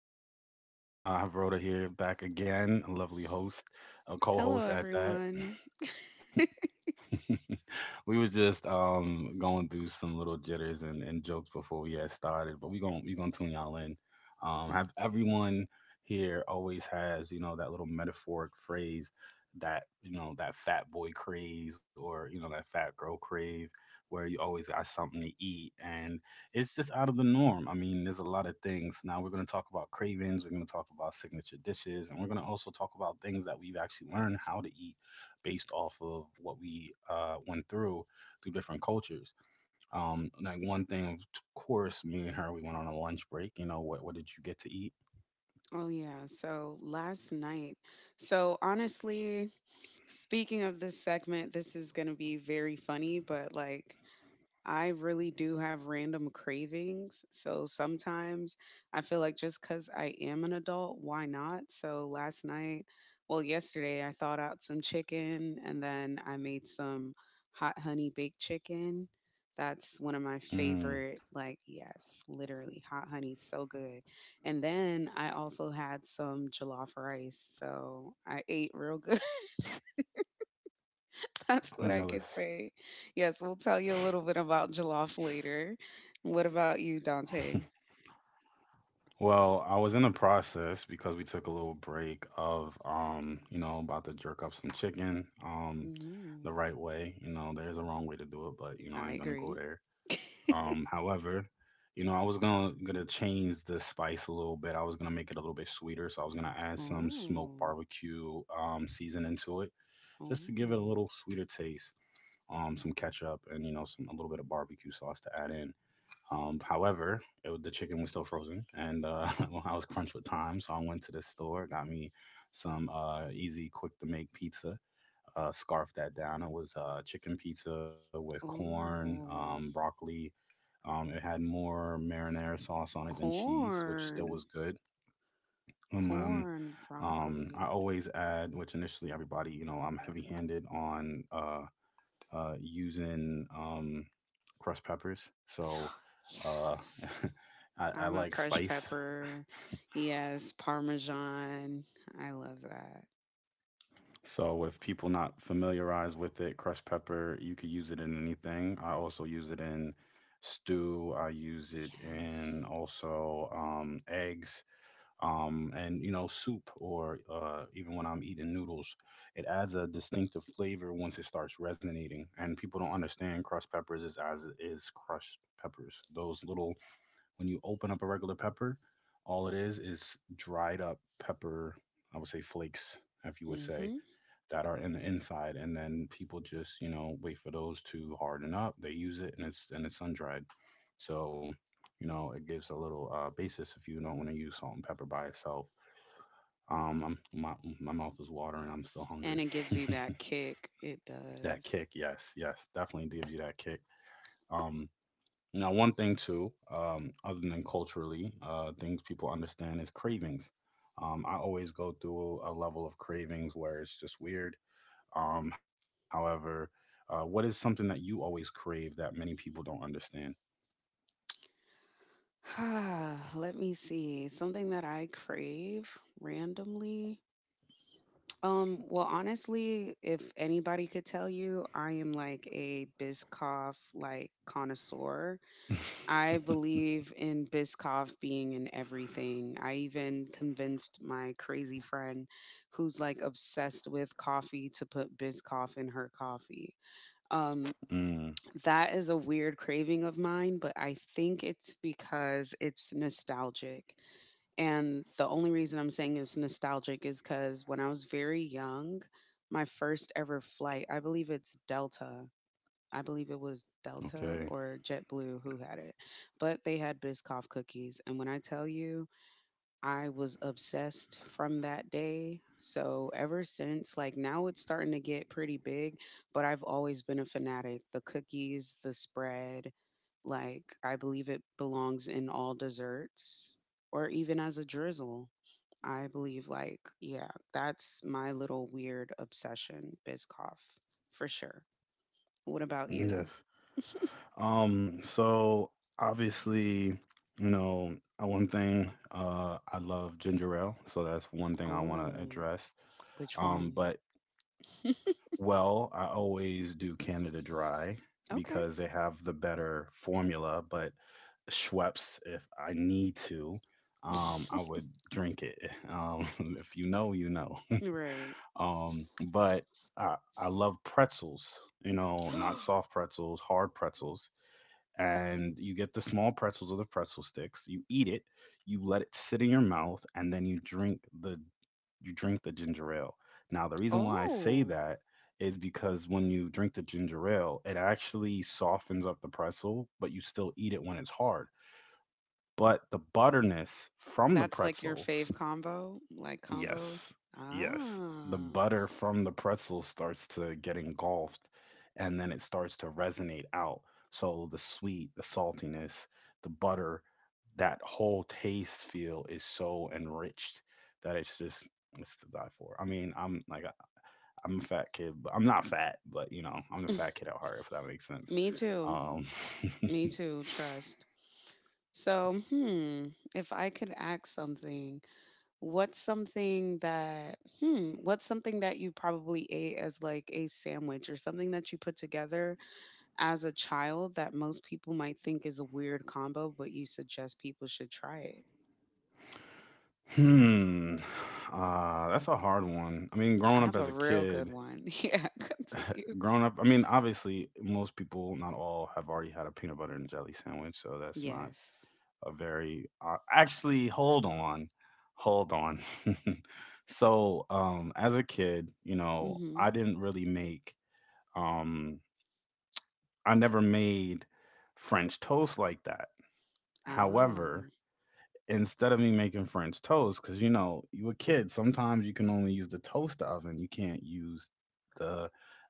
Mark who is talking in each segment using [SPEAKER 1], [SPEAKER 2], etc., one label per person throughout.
[SPEAKER 1] be calling you mine. I have Rhoda here back again, a lovely host, a co
[SPEAKER 2] Hello,
[SPEAKER 1] host at that.
[SPEAKER 2] everyone.
[SPEAKER 1] We was just going through some little jitters and jokes before we had started, but we gonna tune y'all in. Have everyone here always has that little metaphoric phrase, that that fat boy craze, or that fat girl crave, where you always got something to eat and it's just out of the norm. I mean, there's a lot of things. Now, we're going to talk about cravings, we're going to talk about signature dishes, and we're going to also talk about things that we've actually learned how to eat based off of what we went through different cultures. Like one thing, of course, me and her, we went on a lunch break. You know, what did you get to eat?
[SPEAKER 2] Oh, yeah. So last night. So, honestly, speaking of this segment, this is going to be very funny, but I really do have random cravings. So sometimes I feel like just because I am an adult, why not? So last night, well, yesterday, I thawed out some chicken and then I made some hot honey baked chicken. That's one of my
[SPEAKER 1] Mm,
[SPEAKER 2] favorite, yes, literally, hot honey, so good. And then I also had some jollof rice. So I ate real good. That's what
[SPEAKER 1] I'm
[SPEAKER 2] I could
[SPEAKER 1] jealous.
[SPEAKER 2] say. Yes, we'll tell you a little bit about jollof later. What about you, Dante?
[SPEAKER 1] Well, I was in the process, because we took a little break, of you know, about to jerk up some chicken,
[SPEAKER 2] Mm,
[SPEAKER 1] the right way. You know, there's a wrong way to do it, but I
[SPEAKER 2] I
[SPEAKER 1] ain't gonna go
[SPEAKER 2] agree.
[SPEAKER 1] there. However, I was gonna change the spice a little bit. I was gonna make it a little bit sweeter, so I was gonna add some smoked
[SPEAKER 2] oh,
[SPEAKER 1] barbecue seasoning to it, just to give it a
[SPEAKER 2] oh,
[SPEAKER 1] little sweeter taste. Some ketchup and some, a little bit of barbecue sauce to add in. However, the chicken was still frozen, and well, I was crunched with time, so I went to the store, got me some easy, quick to make pizza. Scarfed that down. It was chicken pizza with corn,
[SPEAKER 2] oh.
[SPEAKER 1] broccoli. It had more marinara sauce on it than cheese, which still
[SPEAKER 2] Corn.
[SPEAKER 1] was good. And then
[SPEAKER 2] Corn,
[SPEAKER 1] I
[SPEAKER 2] broccoli.
[SPEAKER 1] always add, which initially everybody, I'm heavy-handed on using crushed peppers. So uh,
[SPEAKER 2] Yes.
[SPEAKER 1] I
[SPEAKER 2] I'm a
[SPEAKER 1] like
[SPEAKER 2] crushed
[SPEAKER 1] spice.
[SPEAKER 2] pepper. Yes, parmesan. I love that.
[SPEAKER 1] So if people not familiarized with it, crushed pepper, you could use it in anything. I also use it in stew. I use it
[SPEAKER 2] Yes.
[SPEAKER 1] in also eggs, and soup, or even when I'm eating noodles, it adds a distinctive flavor once it starts resonating. And people don't understand, crushed peppers is, as is, crushed peppers, those little, when you open up a regular pepper, all it is dried up pepper, I would say flakes, if you would say
[SPEAKER 2] Mhm.
[SPEAKER 1] that, are in the inside. And then people just wait for those to harden up, they use it, and it's sun dried. So it gives a little basis if you don't want to use salt and pepper by itself. Um, I'm my my mouth is watering. I'm still hungry.
[SPEAKER 2] And it gives you that kick. It
[SPEAKER 1] That
[SPEAKER 2] does.
[SPEAKER 1] kick, yes, yes, definitely gives you that kick. Um, Now, one thing too, other than culturally, things people understand is cravings. I always go through a level of cravings where it's just weird. However, what is something that you always crave that many people don't understand?
[SPEAKER 2] Let me see. Something that I crave randomly. Well, honestly, if anybody could tell you, I am like a Biscoff connoisseur. I believe in Biscoff being in everything. I even convinced my crazy friend who's like obsessed with coffee to put Biscoff in her coffee. Um,
[SPEAKER 1] Mm,
[SPEAKER 2] that is a weird craving of mine, but I think it's because it's nostalgic, and the only reason I'm saying it's nostalgic is because when I was very young, my first ever flight, I believe it's Delta. I believe it was Delta
[SPEAKER 1] okay.
[SPEAKER 2] or JetBlue who had it, but they had Biscoff cookies. And when I tell you, I was obsessed from that day. So ever since, like now it's starting to get pretty big, but I've always been a fanatic. The cookies, the spread, like, I believe it belongs in all desserts or even as a drizzle. I believe, like, yeah, that's my little weird obsession, Biscoff, for sure. What about you?
[SPEAKER 1] Yes. So obviously, you know, one thing, I love ginger ale, so that's one thing I want to
[SPEAKER 2] Oh,
[SPEAKER 1] address.
[SPEAKER 2] which one?
[SPEAKER 1] But well, I always do Canada Dry
[SPEAKER 2] Okay.
[SPEAKER 1] because they have the better formula, but Schweppes, if I need to, I would drink it. Um, if you know, you know.
[SPEAKER 2] Right.
[SPEAKER 1] But I love pretzels, not soft pretzels, hard pretzels, and you get the small pretzels or the pretzel sticks. You eat it, you let it sit in your mouth, and then you drink the ginger ale. Now, the reason why I say
[SPEAKER 2] Oh,
[SPEAKER 1] that is because when you drink the ginger ale, it actually softens up the pretzel, but you still eat it when it's hard. But the butterness from the
[SPEAKER 2] that's like your
[SPEAKER 1] pretzel.
[SPEAKER 2] fave combo, like combo.
[SPEAKER 1] Yes. Yes.
[SPEAKER 2] Ah,
[SPEAKER 1] The butter from the pretzel starts to get engulfed, and then it starts to resonate out. So the sweet, the saltiness, the butter, that whole taste feel is so enriched that it's just, it's to die for. I mean, I'm a fat kid, but I'm not fat, but I'm the fat kid at heart, if that makes sense.
[SPEAKER 2] me too.
[SPEAKER 1] Um
[SPEAKER 2] Me too. Trust. So, hmm, if I could ask something, what's something that you probably ate as like a sandwich or something that you put together as a child that most people might think is a weird combo, but you suggest people should try it?
[SPEAKER 1] Hmm. That's a hard one. I mean,
[SPEAKER 2] I
[SPEAKER 1] growing up
[SPEAKER 2] have a
[SPEAKER 1] as a
[SPEAKER 2] real good
[SPEAKER 1] kid,
[SPEAKER 2] one. Yeah, continue.
[SPEAKER 1] growing up, I mean, obviously, most people, not all, have already had a peanut butter and jelly sandwich, so that's
[SPEAKER 2] Yes.
[SPEAKER 1] not a very, actually, hold on, hold on. So, as a kid,
[SPEAKER 2] Mm-hmm.
[SPEAKER 1] I didn't really make, um, I never made French toast like that.
[SPEAKER 2] Ah,
[SPEAKER 1] However, instead of me making French toast, because you a kid, sometimes you can only use the toaster oven. You can't use the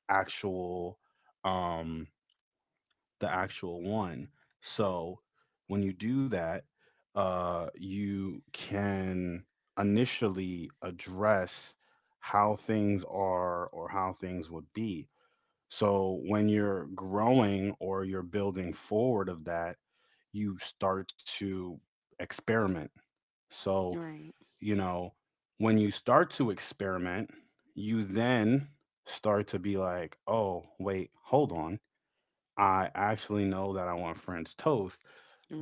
[SPEAKER 1] actual um the actual one. So when you do that, you can initially address how things are or how things would be. So when you're growing or you're building forward of that, you start to experiment. So
[SPEAKER 2] right,
[SPEAKER 1] you know, when you start to experiment, you then start to be like, oh, wait, hold on. I actually know that I want French toast,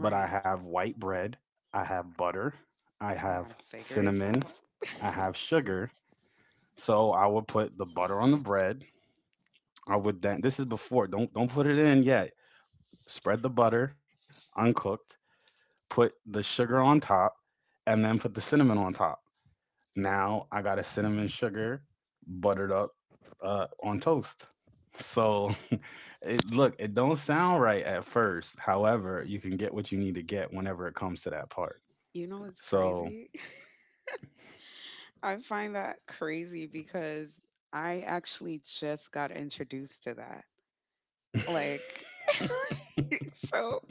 [SPEAKER 1] but I have white bread, I have butter, I
[SPEAKER 2] I gotta
[SPEAKER 1] have
[SPEAKER 2] figure this
[SPEAKER 1] cinnamon,
[SPEAKER 2] out.
[SPEAKER 1] I have sugar. So I would put the butter on the bread. I would then, this is before, don't put it in yet. Spread the butter uncooked, put the sugar on top, and then put the cinnamon on top. Now I got a cinnamon sugar buttered up, on toast. So, it don't sound right at first. However, you can get what you need to get whenever it comes to that part.
[SPEAKER 2] You know what's
[SPEAKER 1] So,
[SPEAKER 2] crazy? I find that crazy because I actually just got introduced to that. Like, so,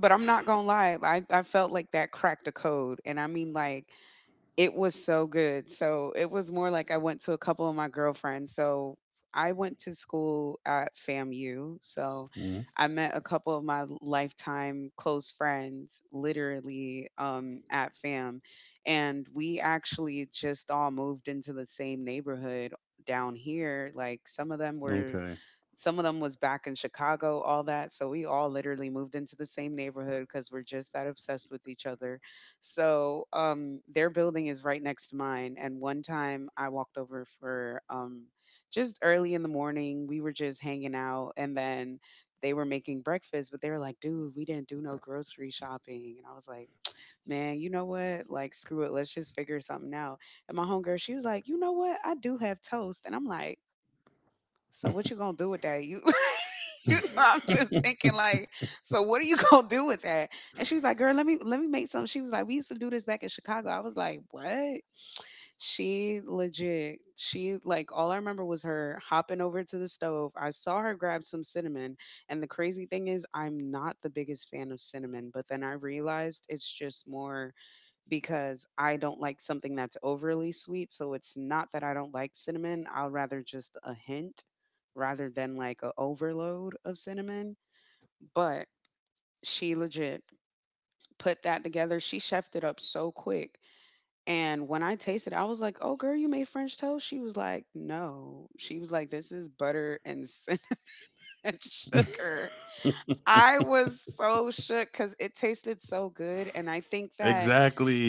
[SPEAKER 2] but I'm not gonna lie, like, I felt like that cracked a code. And I mean, like, it was so good. So it was more like I went to a couple of my girlfriends. So I went to school at FAMU. So
[SPEAKER 1] mm,
[SPEAKER 2] I met a couple of my lifetime close friends literally at FAM. And we actually just all moved into the same neighborhood down here. Like,
[SPEAKER 1] okay.
[SPEAKER 2] some of them was back in Chicago, all that. So we all literally moved into the same neighborhood because we're just that obsessed with each other. So their building is right next to mine. And one time I walked over for just early in the morning. We were just hanging out. And then they were making breakfast, but they were like, dude, we didn't do no grocery shopping. And I was like, man, you know what? Like, screw it. Let's just figure something out. And my homegirl, she was like, you know what? I do have toast. And I'm like, so what you gonna do with that? You you know, I'm just thinking like, so what are you gonna do with that? And she was like, girl, let me make something. She was like, we used to do this back in Chicago. I was like, what? She legit. She like all I remember was her hopping over to the stove. I saw her grab some cinnamon. And the crazy thing is, I'm not the biggest fan of cinnamon, but then I realized it's just more because I don't like something that's overly sweet. So it's not that I don't like cinnamon. I'll rather just a hint rather than like a overload of cinnamon. But she legit put that together. She chefed it up so quick. And when I tasted it, I was like, oh, girl, you made French toast? She was like, no. She was like, this is butter and cinnamon and sugar. I was so shook because it tasted so good. And I think that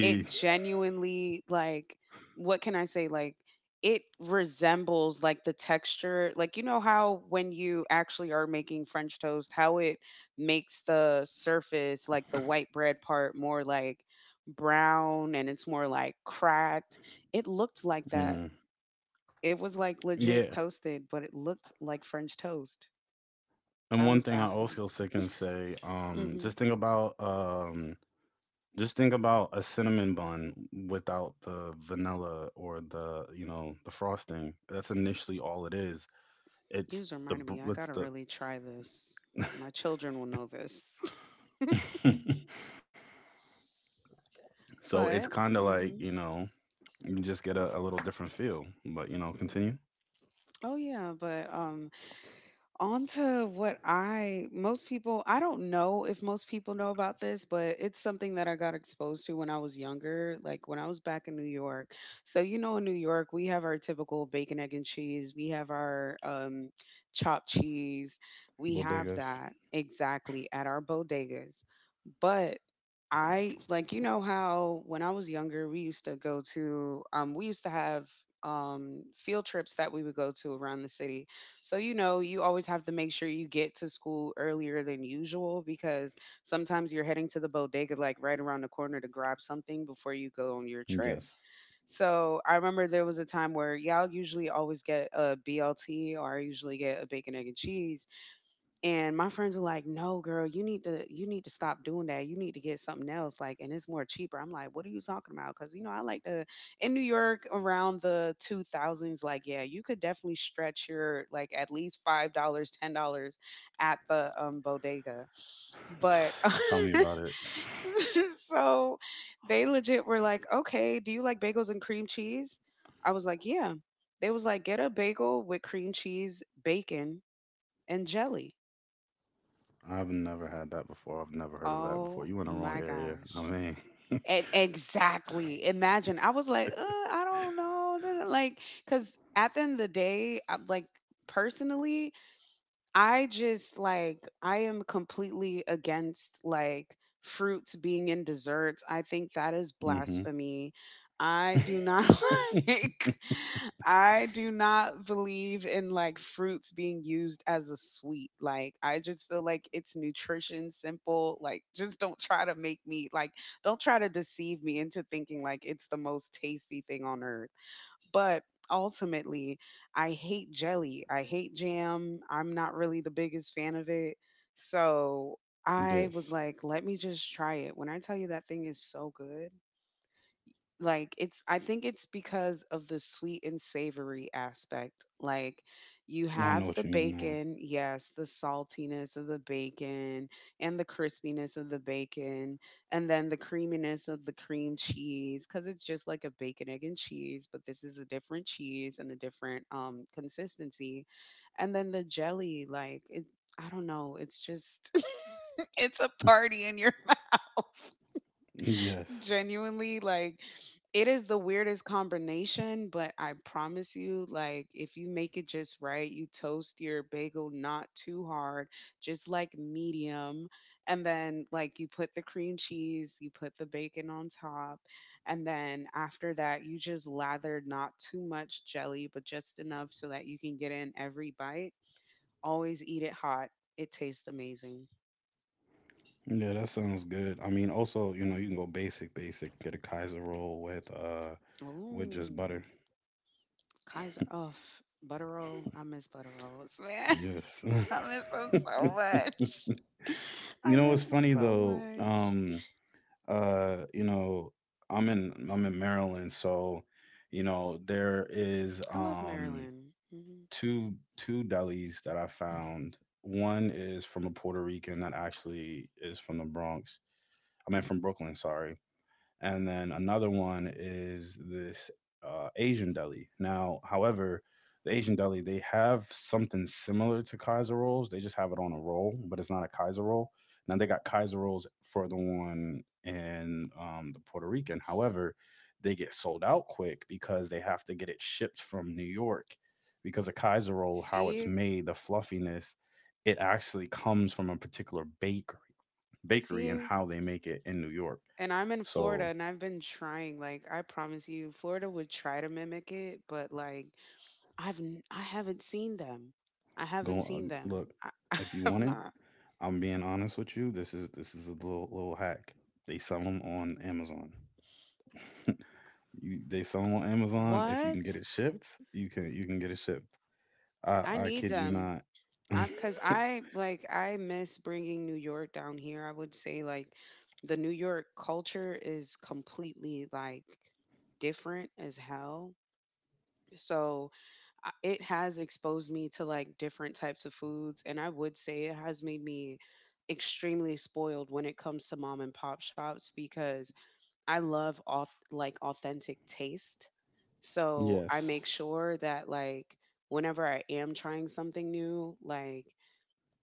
[SPEAKER 2] it genuinely like what can I say like it resembles like the texture, like you know how when you actually are making French toast how it makes the surface, like the white bread part more like brown, and it's more like cracked. It looked like that.
[SPEAKER 1] Mm.
[SPEAKER 2] It was like legit
[SPEAKER 1] Yeah.
[SPEAKER 2] toasted, but it looked like French toast.
[SPEAKER 1] And
[SPEAKER 2] I
[SPEAKER 1] one
[SPEAKER 2] was
[SPEAKER 1] thing I
[SPEAKER 2] baffled.
[SPEAKER 1] also can say,
[SPEAKER 2] Hmm.
[SPEAKER 1] just think about a cinnamon bun without the vanilla or the the frosting. That's initially all it is.
[SPEAKER 2] You
[SPEAKER 1] It's
[SPEAKER 2] just
[SPEAKER 1] the
[SPEAKER 2] reminded me
[SPEAKER 1] br-
[SPEAKER 2] I
[SPEAKER 1] it's
[SPEAKER 2] gotta
[SPEAKER 1] the
[SPEAKER 2] really try this. My children will know this.
[SPEAKER 1] so it's
[SPEAKER 2] But
[SPEAKER 1] kind of like
[SPEAKER 2] mhm.
[SPEAKER 1] you just get a little different feel. But continue.
[SPEAKER 2] Oh yeah, but on to what I most people I don't know if most people know about this, but it's something that I got exposed to when I was younger, like when I was back in New York. So you know in New York, we have our typical bacon, egg and cheese, we have our chopped cheese. We have
[SPEAKER 1] Bodegas.
[SPEAKER 2] that exactly at our bodegas. But I you know how when I was younger, we used to go to we used to have field trips that we would go to around the city. So, you know, you always have to make sure you get to school earlier than usual because sometimes you're heading to the bodega like right around the corner to grab something before you go on your trip.
[SPEAKER 1] Yes.
[SPEAKER 2] So, I remember there was a time where, yeah, I'll usually always get a BLT or I usually get a bacon, egg, and cheese, and my friends were like, no girl, you need to stop doing that, you need to get something else, like, and it's more cheaper. I'm like, what are you talking about? Because you know I like to in New York around the 2000s, like, yeah, you could definitely stretch your like at least $5 $10 at the bodega, but
[SPEAKER 1] Tell me about it.
[SPEAKER 2] so they legit were like, okay, do you like bagels and cream cheese? I was like, yeah. They was like, get a bagel with cream cheese, bacon and jelly.
[SPEAKER 1] I've never had that before. I've never heard of that before.
[SPEAKER 2] Oh
[SPEAKER 1] You in the wrong
[SPEAKER 2] my
[SPEAKER 1] area. I
[SPEAKER 2] gosh. Exactly. Imagine. I was like, I don't know. Like, because at the end of the day, I'm like, personally, I just like I am completely against like fruits being in desserts. I think that is
[SPEAKER 1] mean.
[SPEAKER 2] blasphemy. I do
[SPEAKER 1] Hmm.
[SPEAKER 2] not like I do not believe in like fruits being used as a sweet. Like I just feel like it's nutrition simple. Like just don't try to make me like don't try to deceive me into thinking like it's the most tasty thing on earth. But ultimately, I hate jelly. I hate jam. I'm not really the biggest fan of it. So I was
[SPEAKER 1] Yes.
[SPEAKER 2] like, let me just try it. When I tell you that thing is so good, like it's I think it's because of the sweet and savory aspect, like you
[SPEAKER 1] No, I know
[SPEAKER 2] have the
[SPEAKER 1] what you mean now.
[SPEAKER 2] bacon, yes, the saltiness of the bacon and the crispiness of the bacon, and then the creaminess of the cream cheese cuz it's just like a bacon, egg and cheese, but this is a different cheese and a different consistency, and then the jelly, like it I don't know, it's just it's a party in your mouth.
[SPEAKER 1] Yes.
[SPEAKER 2] Genuinely, like it is the weirdest combination, but I promise you, like, if you make it just right, you toast your bagel not too hard, just like medium. And then, like, you put the cream cheese, you put the bacon on top. And then after that, you just lather not too much jelly, but just enough so that you can get in every bite. Always eat it hot. It tastes amazing.
[SPEAKER 1] Yeah, that sounds good. I mean, also, you can go basic, basic, get a Kaiser roll with with just
[SPEAKER 2] Ooh.
[SPEAKER 1] butter.
[SPEAKER 2] Kaiser, oh, butter roll. I miss butter rolls, man.
[SPEAKER 1] Yes.
[SPEAKER 2] I miss them so much.
[SPEAKER 1] You
[SPEAKER 2] I
[SPEAKER 1] know what's
[SPEAKER 2] miss them
[SPEAKER 1] funny
[SPEAKER 2] so
[SPEAKER 1] though?
[SPEAKER 2] much.
[SPEAKER 1] Uh, you know, I'm in Maryland, so there is
[SPEAKER 2] I love Maryland. Hmm.
[SPEAKER 1] two delis that I found. One is from a Puerto Rican that actually is from the Bronx. I mean from Brooklyn, sorry. And then another one is this Asian deli. Now, however, the Asian deli, they have something similar to Kaiser rolls. They just have it on a roll, but it's not a Kaiser roll. Now they got Kaiser rolls for the one in the Puerto Rican. However, they get sold out quick because they have to get it shipped from New York. Because a Kaiser roll, how it's
[SPEAKER 2] See,
[SPEAKER 1] made, the fluffiness, it actually comes from a particular bakery, and
[SPEAKER 2] see,
[SPEAKER 1] how they make it in New York.
[SPEAKER 2] and I'm in Florida,
[SPEAKER 1] So,
[SPEAKER 2] and I've been trying. Like, I promise you, Florida would try to mimic it, but like, I've I haven't seen them. I haven't
[SPEAKER 1] go
[SPEAKER 2] seen them.
[SPEAKER 1] look
[SPEAKER 2] I, I
[SPEAKER 1] if you
[SPEAKER 2] have
[SPEAKER 1] want it.
[SPEAKER 2] not.
[SPEAKER 1] I'm being honest with you. This is a little, little hack. They sell them on Amazon. They sell them on Amazon. If you can get
[SPEAKER 2] What?
[SPEAKER 1] it shipped, you can get it shipped. I
[SPEAKER 2] I
[SPEAKER 1] I
[SPEAKER 2] need
[SPEAKER 1] kid you
[SPEAKER 2] them.
[SPEAKER 1] not.
[SPEAKER 2] I'm because I I miss bringing New York down here. I would say like the New York culture is completely like different as hell. So it has exposed me to like different types of foods, and I would say it has made me extremely spoiled when it comes to mom and pop shops because I love like authentic taste. So I
[SPEAKER 1] Yes.
[SPEAKER 2] make sure that like whenever I am trying something new, like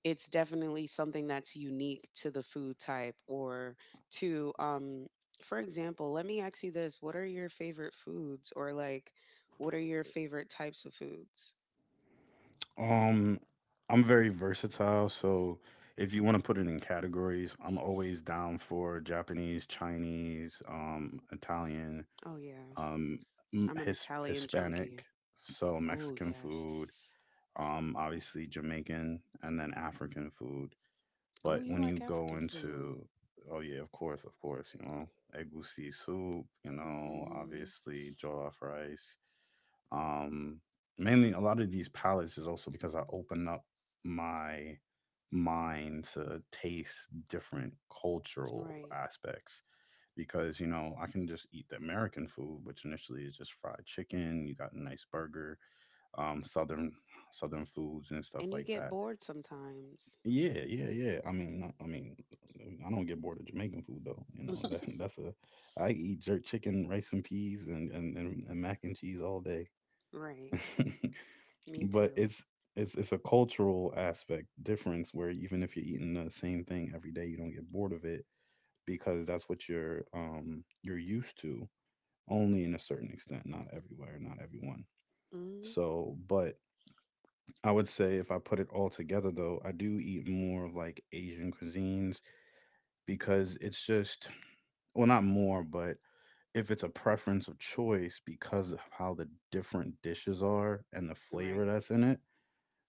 [SPEAKER 2] it's definitely something that's unique to the food type or to for example, let me ask you this. What are your favorite foods or like what are your favorite types of foods?
[SPEAKER 1] Um, I'm very versatile, so if you want to put it in categories, I'm always down for Japanese, Chinese, Italian,
[SPEAKER 2] Oh yeah,
[SPEAKER 1] um, m-
[SPEAKER 2] I'm an
[SPEAKER 1] his
[SPEAKER 2] Italian junkie.
[SPEAKER 1] Hispanic, so
[SPEAKER 2] Oh
[SPEAKER 1] Mexican
[SPEAKER 2] yes.
[SPEAKER 1] food, obviously Jamaican, and then African food.
[SPEAKER 2] Oh,
[SPEAKER 1] But
[SPEAKER 2] you
[SPEAKER 1] when
[SPEAKER 2] like
[SPEAKER 1] you
[SPEAKER 2] African
[SPEAKER 1] go
[SPEAKER 2] food.
[SPEAKER 1] into, oh yeah, of course, egusi soup,
[SPEAKER 2] Hmm.
[SPEAKER 1] obviously jollof rice. Um, Mainly, a lot of these palates is also because I open up my mind to taste different cultural
[SPEAKER 2] Right.
[SPEAKER 1] aspects, because I can just eat the American food, which initially is just fried chicken. You got a nice burger, um, southern southern foods and stuff
[SPEAKER 2] And you
[SPEAKER 1] like
[SPEAKER 2] get
[SPEAKER 1] that.
[SPEAKER 2] bored sometimes.
[SPEAKER 1] Yeah, yeah, yeah. I mean, I mean, I don't get bored of Jamaican food though. You know, that that's a, I eat jerk chicken, rice and peas, and mac and cheese all day.
[SPEAKER 2] Right, me
[SPEAKER 1] But
[SPEAKER 2] too.
[SPEAKER 1] it's a cultural aspect difference where even if you're eating the same thing every day, you don't get bored of it because that's what you're used to. Only in a certain extent, not everywhere, not everyone.
[SPEAKER 2] Hmm.
[SPEAKER 1] So, but I would say if I put it all together though, I do eat more of like Asian cuisines because it's just, well, not more, but if it's a preference of choice because of how the different dishes are and the
[SPEAKER 2] Right,
[SPEAKER 1] flavor that's in it,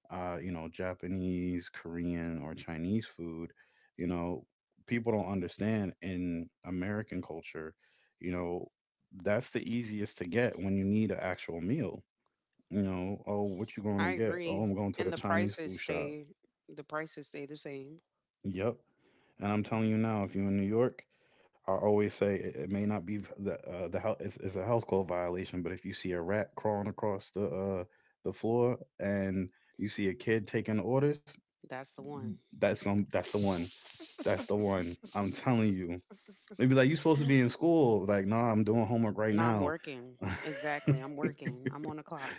[SPEAKER 1] Japanese, Korean, or Chinese food. you know, People don't understand in American culture, you know, that's the easiest to get when you need an actual meal. Oh, what you going
[SPEAKER 2] I
[SPEAKER 1] to get? Oh,
[SPEAKER 2] agree.
[SPEAKER 1] I'm going to
[SPEAKER 2] And
[SPEAKER 1] the
[SPEAKER 2] the
[SPEAKER 1] Chinese
[SPEAKER 2] prices
[SPEAKER 1] food shop.
[SPEAKER 2] stay, the prices stay the same.
[SPEAKER 1] Yep. And I'm telling you now, if you're in New York, I always say it, it may not be it's a health code violation, but if you see a rat crawling across the floor and you see a kid taking orders,
[SPEAKER 2] That's the one.
[SPEAKER 1] that's the one. That's the one. I'm telling you. They'd be like, "You supposed to be in school." Like, "Nah, I'm doing homework right
[SPEAKER 2] No, I'm
[SPEAKER 1] now."
[SPEAKER 2] working. Exactly. I'm working. I'm on the clock.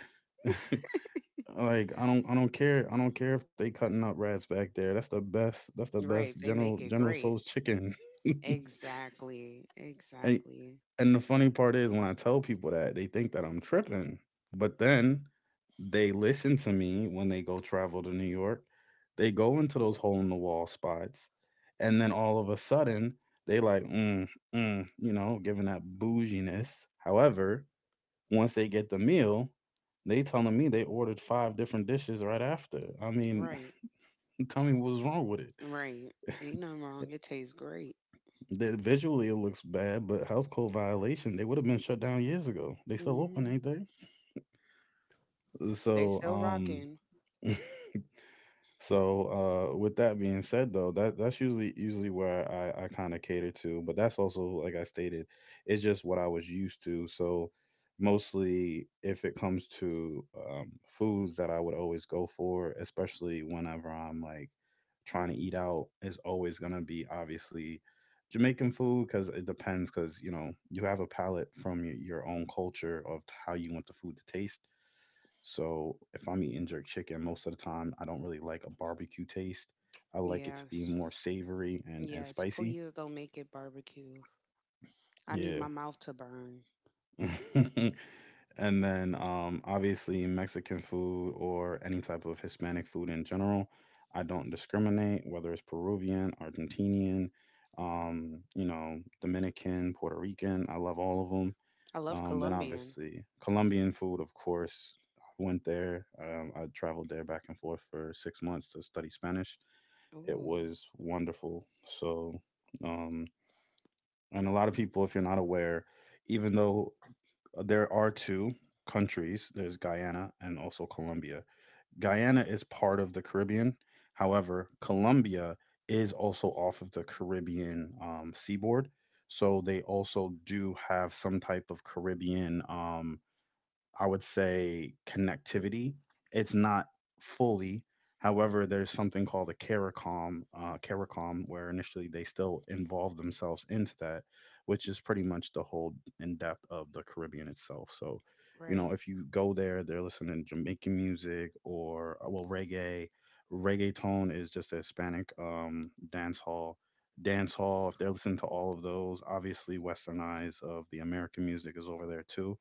[SPEAKER 1] Like, I don't care. I don't care if they cutting up rats back there. That's the best. That's the best
[SPEAKER 2] Right. They
[SPEAKER 1] General
[SPEAKER 2] make it
[SPEAKER 1] General
[SPEAKER 2] great.
[SPEAKER 1] Soul's chicken.
[SPEAKER 2] Exactly.
[SPEAKER 1] And
[SPEAKER 2] Exactly.
[SPEAKER 1] and the funny part is when I tell people that, they think that I'm tripping. But then they listen to me when they go travel to New York. They go into those hole in the wall spots. And then all of a sudden, they like, giving that bouginess. However, once they get the meal, they telling me they ordered five different dishes right after. I mean,
[SPEAKER 2] Right.
[SPEAKER 1] tell me what's wrong with it.
[SPEAKER 2] Right. Ain't nothing wrong. It tastes great.
[SPEAKER 1] Visually, it looks bad, but house code violation. They would have been shut down years ago. They still open,
[SPEAKER 2] Hmm.
[SPEAKER 1] ain't they?
[SPEAKER 2] They
[SPEAKER 1] So,
[SPEAKER 2] still
[SPEAKER 1] um,
[SPEAKER 2] rocking.
[SPEAKER 1] so, with that being said, though, that's usually where I kind of cater to, but that's also like I stated, it's just what I was used to. So mostly, if it comes to foods that I would always go for, especially whenever I'm like trying to eat out, is always going to be obviously Jamaican food, because it depends, because you know you have a palate from your own culture of how you want the food to taste. So if I'm eating jerk chicken, most of the time I don't really like a barbecue taste. I like it to be
[SPEAKER 2] Yes.
[SPEAKER 1] more savory and
[SPEAKER 2] Yes.
[SPEAKER 1] spicy.
[SPEAKER 2] Please don't make it barbecue. I need
[SPEAKER 1] Yeah.
[SPEAKER 2] my mouth to burn.
[SPEAKER 1] And then, obviously, Mexican food or any type of Hispanic food in general. I don't discriminate whether it's Peruvian, Argentinian, Dominican, Puerto Rican. I love all of them.
[SPEAKER 2] I love
[SPEAKER 1] Then,
[SPEAKER 2] Colombian.
[SPEAKER 1] obviously, Colombian food, of course. I went there. I traveled there back and forth for 6 months to study Spanish. It
[SPEAKER 2] Ooh.
[SPEAKER 1] was wonderful. So, um, and a lot of people, if you're not aware, even though there are two countries. There's Guyana and also Colombia. Guyana is part of the Caribbean. However, Colombia is also off of the Caribbean seaboard. So they also do have some type of Caribbean, I would say, connectivity. It's not fully. However, there's something called a CARICOM, where initially they still involve themselves into that, which is pretty much the whole in depth of the Caribbean itself. So,
[SPEAKER 2] Right.
[SPEAKER 1] if you go there, they're listening to Jamaican music or, well, reggae. Reggaeton is just a Hispanic dance hall. Dance hall. If they're listening to all of those, obviously westernized of the American music is over there too,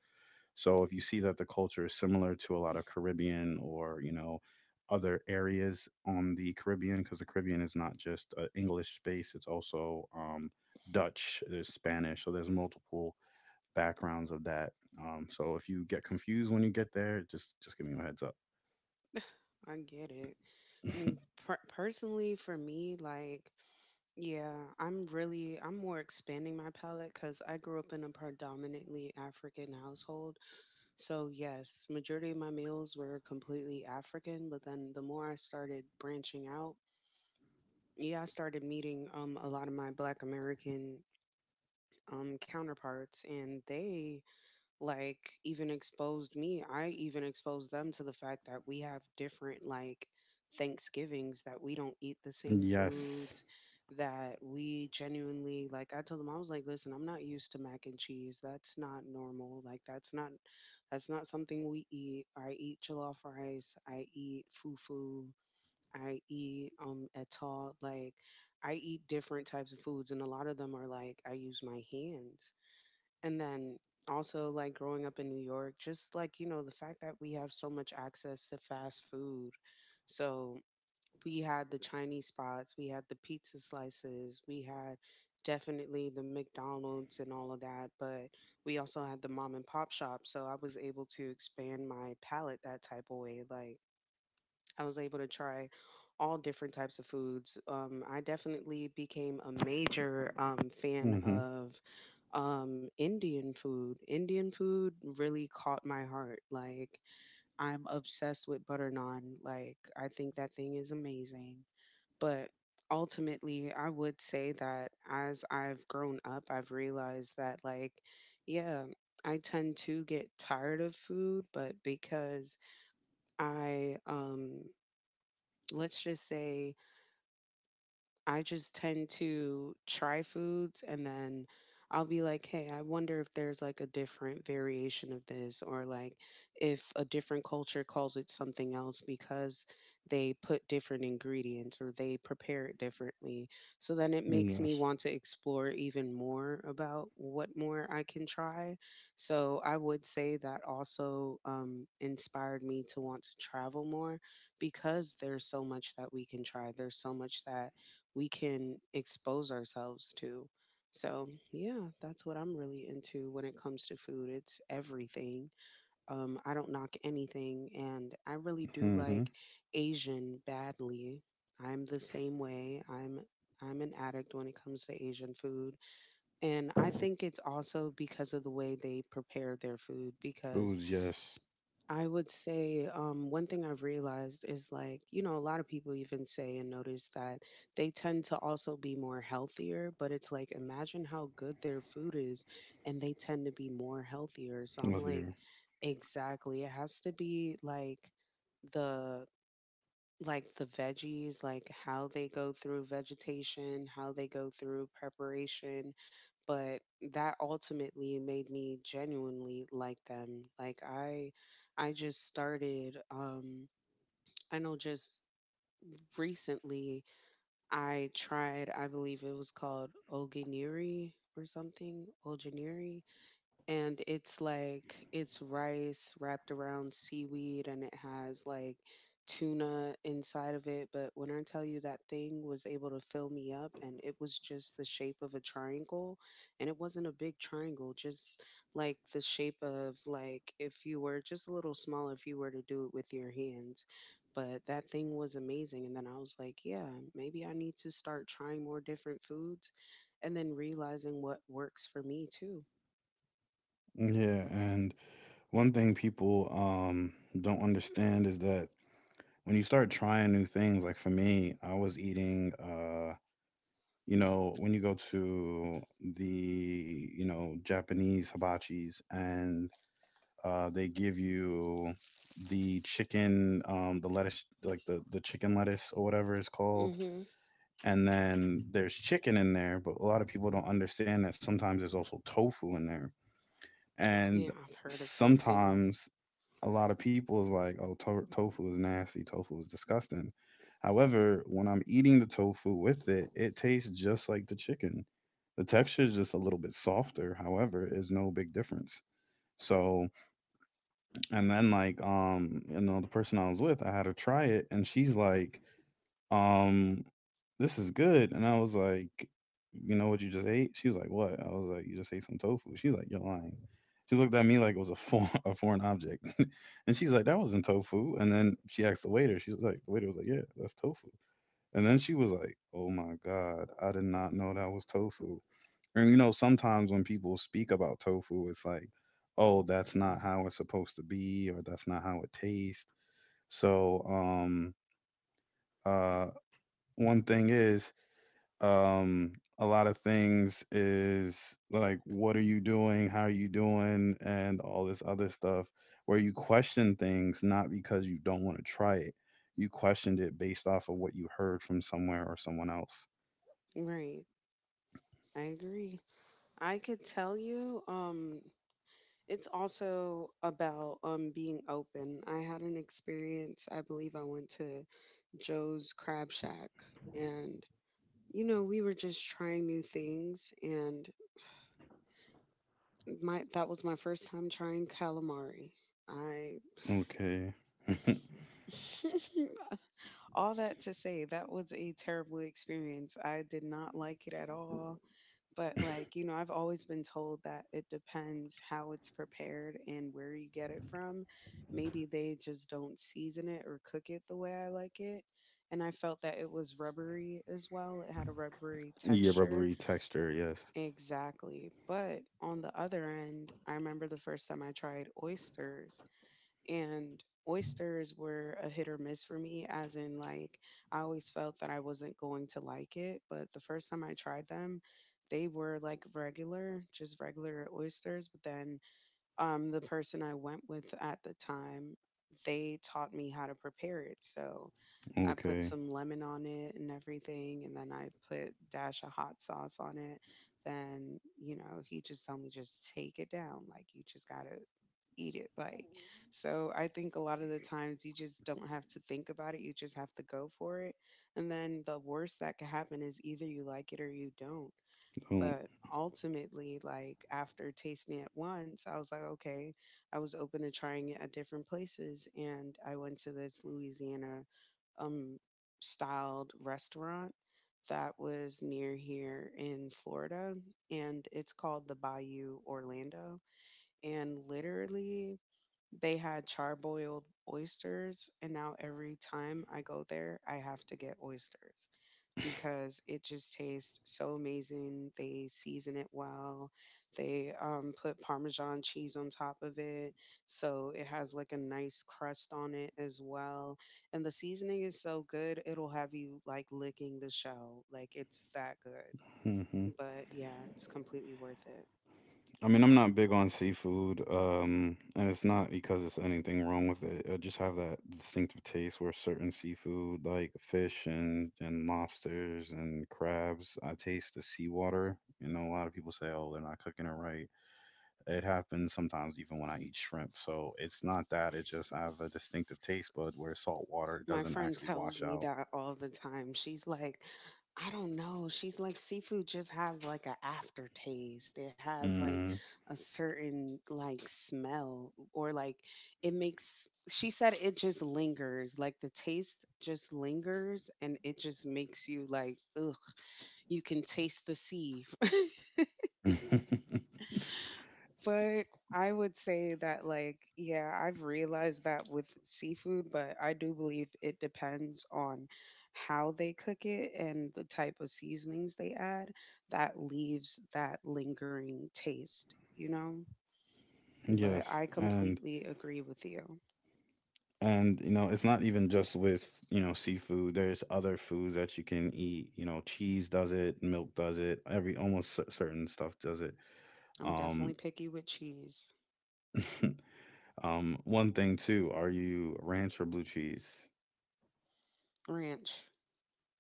[SPEAKER 1] so if you see that the culture is similar to a lot of Caribbean or, other areas on the Caribbean, because the Caribbean is not just English space, it's also Dutch, there's Spanish, so there's multiple backgrounds of that. So if you get confused when you get there, just give me a heads up.
[SPEAKER 2] I get it. Mm, personally for me, like, yeah, I'm really, I'm more expanding my palette because I grew up in a predominantly African household. So yes, majority of my meals were completely African, but then the more I started branching out, yeah, I started meeting a lot of my Black American counterparts, and they like even exposed me, I even exposed them to the fact that we have different like Thanksgivings, that we don't eat the same
[SPEAKER 1] Yes.
[SPEAKER 2] foods, that we genuinely, like I told them, I was like, listen, I'm not used to mac and cheese. That's not normal. Like that's not, that's not something we eat. I eat jollof rice, I eat fufu, I eat etal, like I eat different types of foods, and a lot of them are like I use my hands. And then also like growing up in New York, just like, you know, the fact that we have so much access to fast food. So we had the Chinese spots, we had the pizza slices, we had definitely the McDonald's and all of that, but we also had the mom and pop shop. So I was able to expand my palate that type of way. Like I was able to try all different types of foods. I definitely became a major fan
[SPEAKER 1] Mm-hmm.
[SPEAKER 2] of Indian food. Indian food really caught my heart. Like, I'm obsessed with butter naan. Like, I think that thing is amazing. But ultimately, I would say that as I've grown up, I've realized that, like, yeah, I tend to get tired of food, but because I let's just say, I just tend to try foods and then I'll be like, hey, I wonder if there's like a different variation of this or like if a different culture calls it something else because they put different ingredients or they prepare it differently. So then it makes me
[SPEAKER 1] Yes.
[SPEAKER 2] want to explore even more about what more I can try. So I would say that also inspired me to want to travel more because there's so much that we can try. There's so much that we can expose ourselves to. So, yeah, that's what I'm really into when it comes to food. It's everything. I don't knock anything, and I really do
[SPEAKER 1] Mm-hmm.
[SPEAKER 2] like Asian badly. I'm the same way. I'm an addict when it comes to Asian food. And I think it's also because of the way they prepare their food, because
[SPEAKER 1] Foods, yes.
[SPEAKER 2] I would say one thing I've realized is like, you know, a lot of people even say and notice that they tend to also be more healthier, but it's like, imagine how good their food is, and they tend to be more healthier. So I'm
[SPEAKER 1] With
[SPEAKER 2] like,
[SPEAKER 1] you.
[SPEAKER 2] exactly. It has to be like the, like the veggies, like how they go through vegetation, how they go through preparation. But that ultimately made me genuinely like them. Like I just started I know just recently I tried, I believe it was called oginiri or something, oginiri, and it's like it's rice wrapped around seaweed and it has like tuna inside of it. But when I tell you, that thing was able to fill me up, and it was just the shape of a triangle, and it wasn't a big triangle, just like the shape of like if you were, just a little smaller, if you were to do it with your hands. But that thing was amazing. And then I was like, yeah, maybe I need to start trying more different foods and then realizing what works for me too.
[SPEAKER 1] Yeah, and one thing people don't understand is that when you start trying new things, like for me, I was eating, when you go to the Japanese hibachis, and they give you the chicken, the lettuce, like the chicken lettuce or whatever it's called.
[SPEAKER 2] Mhm.
[SPEAKER 1] And then there's chicken in there, but a lot of people don't understand that sometimes there's also tofu in there. And
[SPEAKER 2] Yeah, I've heard of tofu.
[SPEAKER 1] sometimes a lot of people is like, oh, tofu is nasty, tofu is disgusting. However, when I'm eating the tofu with it, it tastes just like the chicken. The texture is just a little bit softer. However, is no big difference. So, and then like, the person I was with, I had her try it, and she's like, um, this is good. And I was like, you know what you just ate? She was like, what? I was like, you just ate some tofu. She's like, you're lying. She looked at me like it was a foreign, a foreign object. And she's like, that wasn't tofu. And then she asked the waiter. The waiter was like, yeah, that's tofu. And then she was like, oh my God, I did not know that was tofu. And you know, sometimes when people speak about tofu, it's like, oh, that's not how it's supposed to be, or that's not how it tastes. So, uh, one thing is, um a lot of things is like, what are you doing, how are you doing, and all this other stuff where you question things, not because you don't want to try it, you questioned it based off of what you heard from somewhere or someone else.
[SPEAKER 2] Right. I agree. I could tell you, it's also about being open. I had an experience, I believe I went to Joe's Crab Shack, and you know, we were just trying new things, and my, that was my first time trying calamari. I
[SPEAKER 1] Okay.
[SPEAKER 2] all that to say, that was a terrible experience. I did not like it at all. But like, you know, I've always been told that it depends how it's prepared and where you get it from. Maybe they just don't season it or cook it the way I like it. And I felt that it was rubbery as well. It had a rubbery
[SPEAKER 1] Yeah,
[SPEAKER 2] texture.
[SPEAKER 1] rubbery texture, yes,
[SPEAKER 2] Exactly. But on the other end, I remember the first time I tried oysters, and oysters were a hit or miss for me, as in like I always felt that I wasn't going to like it. But the first time I tried them, they were like regular, just regular oysters. But then the person I went with at the time, they taught me how to prepare it. So I put
[SPEAKER 1] okay.
[SPEAKER 2] some lemon on it and everything, and then I put dash of hot sauce on it. Then you know, he just told me, just take it down, like you just gotta eat it. Like, so I think a lot of the times you just don't have to think about it; you just have to go for it. And then the worst that could happen is either you like it or you don't.
[SPEAKER 1] Don't.
[SPEAKER 2] But ultimately, like after tasting it once, I was like, okay, I was open to trying it at different places. And I went to this Louisiana um, styled restaurant that was near here in Florida. And it's called the Bayou Orlando. And literally, they had charboiled oysters, and now every time I go there, I have to get oysters because it just tastes so amazing. They season it well. They put Parmesan cheese on top of it. So it has like a nice crust on it as well. And the seasoning is so good, it'll have you like licking the shell. Like it's that good. But yeah, it's completely worth it.
[SPEAKER 1] I mean, I'm not big on seafood, and it's not because it's anything wrong with it. I just have that distinctive taste where certain seafood, like fish and lobsters and crabs, I taste the seawater. You know, a lot of people say, "Oh, they're not cooking it right." It happens sometimes, even when I eat shrimp. So it's not that; it just I have a distinctive taste bud where salt water
[SPEAKER 2] My
[SPEAKER 1] doesn't
[SPEAKER 2] friend
[SPEAKER 1] actually wash
[SPEAKER 2] tells me
[SPEAKER 1] out.
[SPEAKER 2] that all the time. She's like, I don't know. She's like, seafood just has like an aftertaste. It has like
[SPEAKER 1] Hmm.
[SPEAKER 2] a certain like smell or like it makes, she said it just lingers. Like the taste just lingers and it just makes you like, ugh, you can taste the sea. But I would say that, like, yeah, I've realized that with seafood, but I do believe it depends on how they cook it and the type of seasonings they add that leaves that lingering taste, you know? But
[SPEAKER 1] Yes,
[SPEAKER 2] I
[SPEAKER 1] and
[SPEAKER 2] completely agree with you.
[SPEAKER 1] And you know, it's not even just with seafood. There's other foods that you can eat. You know, cheese does it, milk does it, every almost certain stuff does it.
[SPEAKER 2] I'm
[SPEAKER 1] Um,
[SPEAKER 2] definitely picky with cheese.
[SPEAKER 1] one thing too, are you ranch or blue cheese?
[SPEAKER 2] Ranch,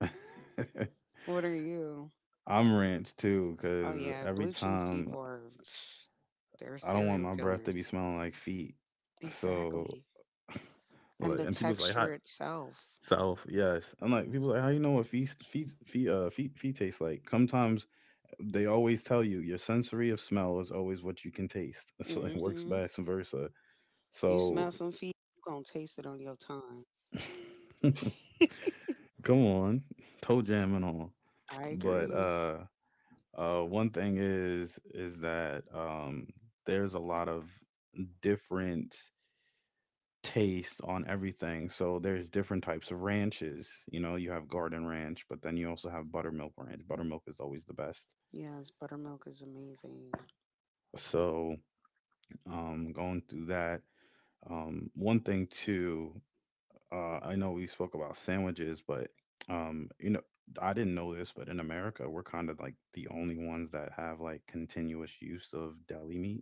[SPEAKER 2] what are you?
[SPEAKER 1] I'm ranch too,
[SPEAKER 2] Oh,
[SPEAKER 1] because
[SPEAKER 2] yeah,
[SPEAKER 1] every
[SPEAKER 2] blue cheese
[SPEAKER 1] time
[SPEAKER 2] people are, they're
[SPEAKER 1] I don't want my
[SPEAKER 2] serial
[SPEAKER 1] breath to be
[SPEAKER 2] killers.
[SPEAKER 1] smelling like feet. So,
[SPEAKER 2] Exactly. And
[SPEAKER 1] like,
[SPEAKER 2] the
[SPEAKER 1] and people's like,
[SPEAKER 2] texture
[SPEAKER 1] hot.
[SPEAKER 2] itself.
[SPEAKER 1] South, yes. I'm like, people like, how you know what feet taste like? Sometimes they always tell you your sensory of smell is always what you can taste. So it works
[SPEAKER 2] Hmm.
[SPEAKER 1] vice versa.
[SPEAKER 2] You
[SPEAKER 1] So
[SPEAKER 2] smell some feet, you gonna taste it on your tongue.
[SPEAKER 1] come on, toe jam and all.
[SPEAKER 2] I
[SPEAKER 1] But
[SPEAKER 2] agree.
[SPEAKER 1] one thing is that there's a lot of different taste on everything. So there's different types of ranches. You know, you have garden ranch, but then you also have buttermilk ranch. Buttermilk is always the best.
[SPEAKER 2] Yes, buttermilk is amazing.
[SPEAKER 1] So going through that. One thing too. I know we spoke about sandwiches, but um, you know, I didn't know this, but in America, we're kind of like the only ones that have like continuous use of deli meat.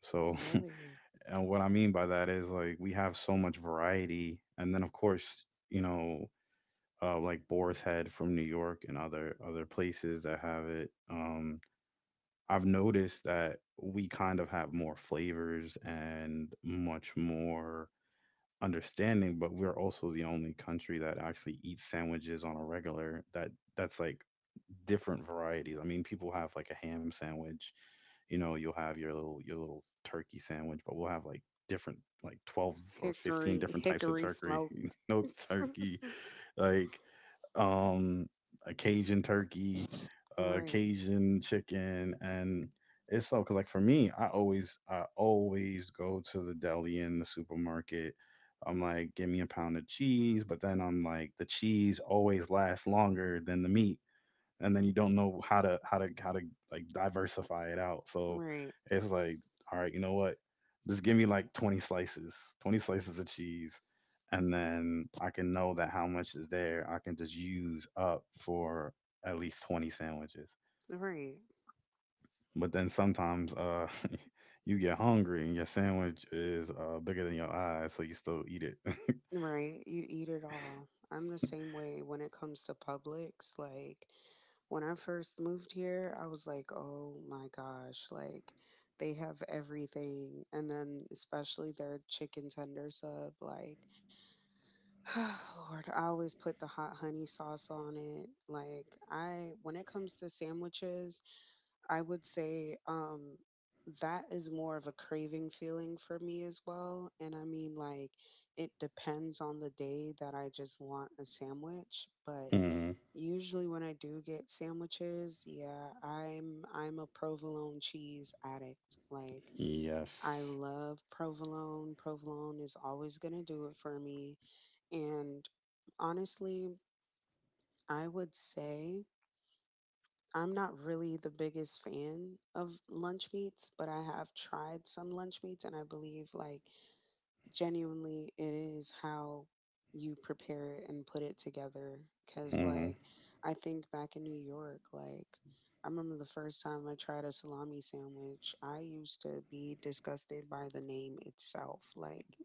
[SPEAKER 1] So,
[SPEAKER 2] Really.
[SPEAKER 1] and what I mean by that is like we have so much variety, and then of course, like Boar's Head from New York and other places that have it. I've noticed that we kind of have more flavors and much more understanding, but we're also the only country that actually eats sandwiches on a regular that's like different varieties. I mean, people have like a ham sandwich, you know, you'll have your little turkey sandwich, but we'll have like different like 12 or 15
[SPEAKER 2] Hickory,
[SPEAKER 1] different types of
[SPEAKER 2] hickory
[SPEAKER 1] turkey,
[SPEAKER 2] smoked.
[SPEAKER 1] no turkey, like um a Cajun turkey,
[SPEAKER 2] Right,
[SPEAKER 1] Cajun chicken, and it's so cuz like for me, I always go to the deli in the supermarket. I'm like, give me a pound of cheese, but then I'm like the cheese always lasts longer than the meat, and then you don't know how to like diversify it out. So
[SPEAKER 2] right,
[SPEAKER 1] it's like, all right, you know what? Just give me like 20 slices, 20 slices of cheese, and then I can know that how much is there. I can just use up for at least 20 sandwiches.
[SPEAKER 2] right,
[SPEAKER 1] But then sometimes you get hungry and your sandwich is bigger than your eyes, so you still eat it.
[SPEAKER 2] right. You eat it all. I'm the same way when it comes to Publix. Like, when I first moved here, I was like, oh my gosh, like, they have everything. And then, especially their chicken tender sub, like, Lord, I always put the hot honey sauce on it. Like I, when it comes to sandwiches, I would say that is more of a craving feeling for me as well. And I mean like it depends on the day that I just want a sandwich, but
[SPEAKER 1] Hmm.
[SPEAKER 2] usually when I do get sandwiches, yeah, I'm a provolone cheese addict. Like I
[SPEAKER 1] Yes.
[SPEAKER 2] love provolone. Provolone is always going to do it for me. And honestly, I would say I'm not really the biggest fan of lunch meats, but I have tried some lunch meats, and I believe like genuinely it is how you prepare it and put it together, cuz
[SPEAKER 1] Hmm.
[SPEAKER 2] like I think back in New York, like I remember the first time I tried a salami sandwich, I used to be disgusted by the name itself. Like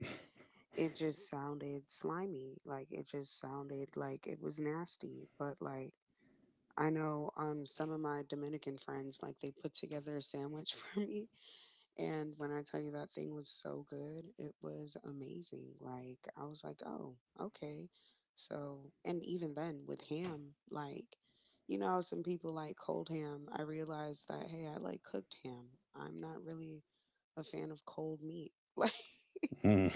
[SPEAKER 2] it just sounded slimy. Like it just sounded like it was nasty. But like I know some of my Dominican friends, like they put together a sandwich for me, and when I tell you that thing was so good, it was amazing. Like I was like, "Oh, okay." So, and even then with ham, like you know, how some people like cold ham. I realized that hey, I like cooked ham. I'm not really a fan of cold meat. Like
[SPEAKER 1] Hmm.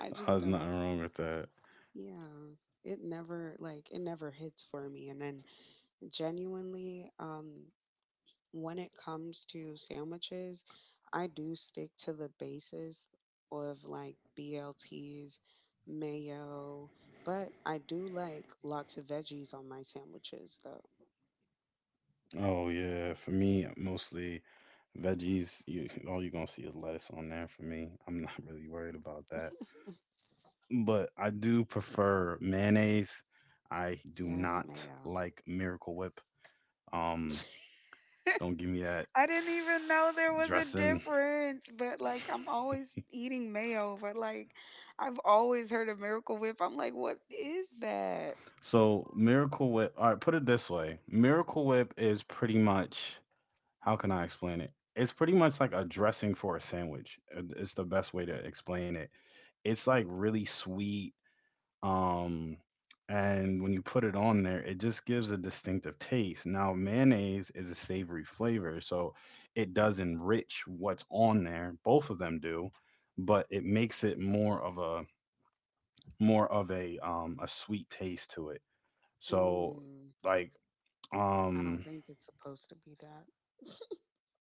[SPEAKER 2] I just
[SPEAKER 1] There's nothing
[SPEAKER 2] don't.
[SPEAKER 1] wrong with that.
[SPEAKER 2] Yeah. It never hits for me. And then genuinely, when it comes to sandwiches, I do stick to the basis of like BLTs, mayo, but I do like lots of veggies on my sandwiches though.
[SPEAKER 1] Oh yeah, for me mostly veggies. You all you're gonna see is lettuce on there for me. I'm not really worried about that. But I do prefer mayonnaise. I do
[SPEAKER 2] Yes,
[SPEAKER 1] not
[SPEAKER 2] mayo.
[SPEAKER 1] like Miracle Whip. Um, don't give me that
[SPEAKER 2] I didn't even know there was a
[SPEAKER 1] dressing.
[SPEAKER 2] difference, but like I'm always eating mayo, but like I've always heard of Miracle Whip. I'm like, what is that?
[SPEAKER 1] So Miracle Whip. All right, put it this way. Miracle Whip is pretty much, how can I explain it? It's pretty much like a dressing for a sandwich. It's the best way to explain it. It's like really sweet, um and when you put it on there, it just gives a distinctive taste. Now, mayonnaise is a savory flavor, so it does enrich what's on there. Both of them do, but it makes it more of a sweet taste to it. So
[SPEAKER 2] Mm,
[SPEAKER 1] like,
[SPEAKER 2] I don't
[SPEAKER 1] um
[SPEAKER 2] think it's supposed to be that.